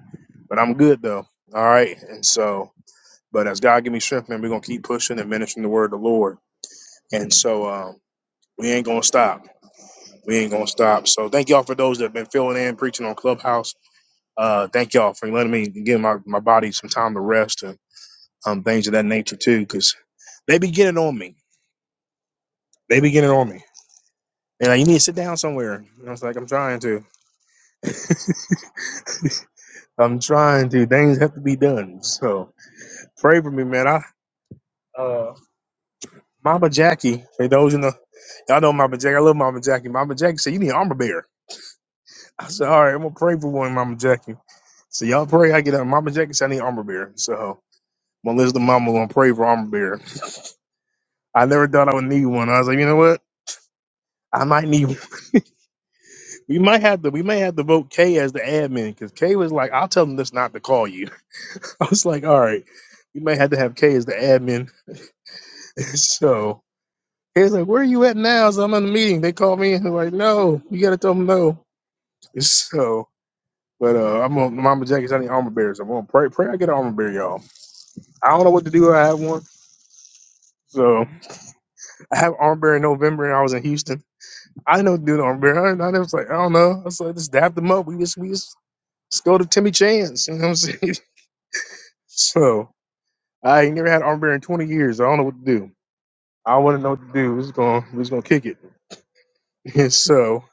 S1: but I'm good though. All right. And so But as God give me strength, man, we're gonna keep pushing and ministering the word of the Lord. And so um, we ain't gonna stop. We ain't gonna stop. So thank y'all for those that have been filling in, preaching on Clubhouse. Uh, thank y'all for letting me give my, my body some time to rest and um, things of that nature too, because they be getting on me. They be getting on me. And like, you need to sit down somewhere. And I was like, I'm trying to. I'm trying to. Things have to be done. So pray for me, man. I Mama Jackie, for those in the y'all know Mama Jackie. I love Mama Jackie. Mama Jackie said, You need an armor bearer. I said, all right, I'm gonna pray for one, Mama Jackie. So y'all pray. I get up. Mama Jackie said I need armor bearer. So I'm gonna listen to Mama. I'm gonna pray for armor bearer. I never thought I would need one. I was like, you know what? I might need. One. <laughs> We might have to. We may have to vote Kay as the admin because Kay was like, I'll tell them this not to call you. <laughs> I was like, all right. We may have to have Kay as the admin. <laughs> so he's like, where are you at now? So I'm in the meeting. They called me and they're like, no, you gotta tell them no. <laughs> So. But uh, I'm on Mama Jackie. I need armor bearers. I'm gonna pray. Pray I get an armor bearer, y'all. I don't know what to do. I had one. So I have arm bear in November, and I was in Houston. I didn't know what to do with arm bear. I, I was like, I don't know. I was like, just dab them up. We just we just, just go to Timmy Chance. You know what I'm saying? <laughs> So I ain't never had arm bear in 20 years. I don't know what to do. I want to know what to do. We're just gonna we're just gonna kick it. <laughs> And so,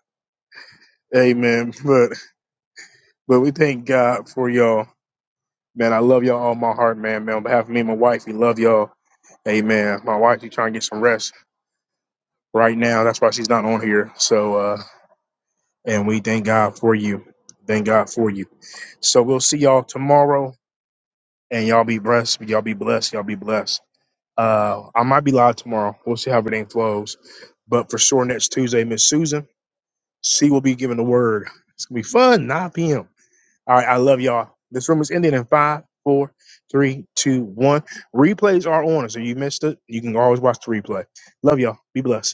S1: amen. But but we thank God for y'all, man. I love y'all all my heart, man. Man, on behalf of me and my wife, we love y'all. Amen. My wife, she trying to get some rest right now. That's why she's not on here. So. uh And we thank God for you. Thank God for you. So we'll see y'all tomorrow. And y'all be blessed. Y'all be blessed. Y'all be blessed. Uh, I might be live tomorrow. We'll see how everything flows. But for sure, next Tuesday, Miss Susan, C will be giving the word. It's going to be fun. 9 p.m. All right. I love y'all. This room is ending in five, four, three, two, one. Replays are on. So you missed it. You can always watch the replay. Love y'all. Be blessed.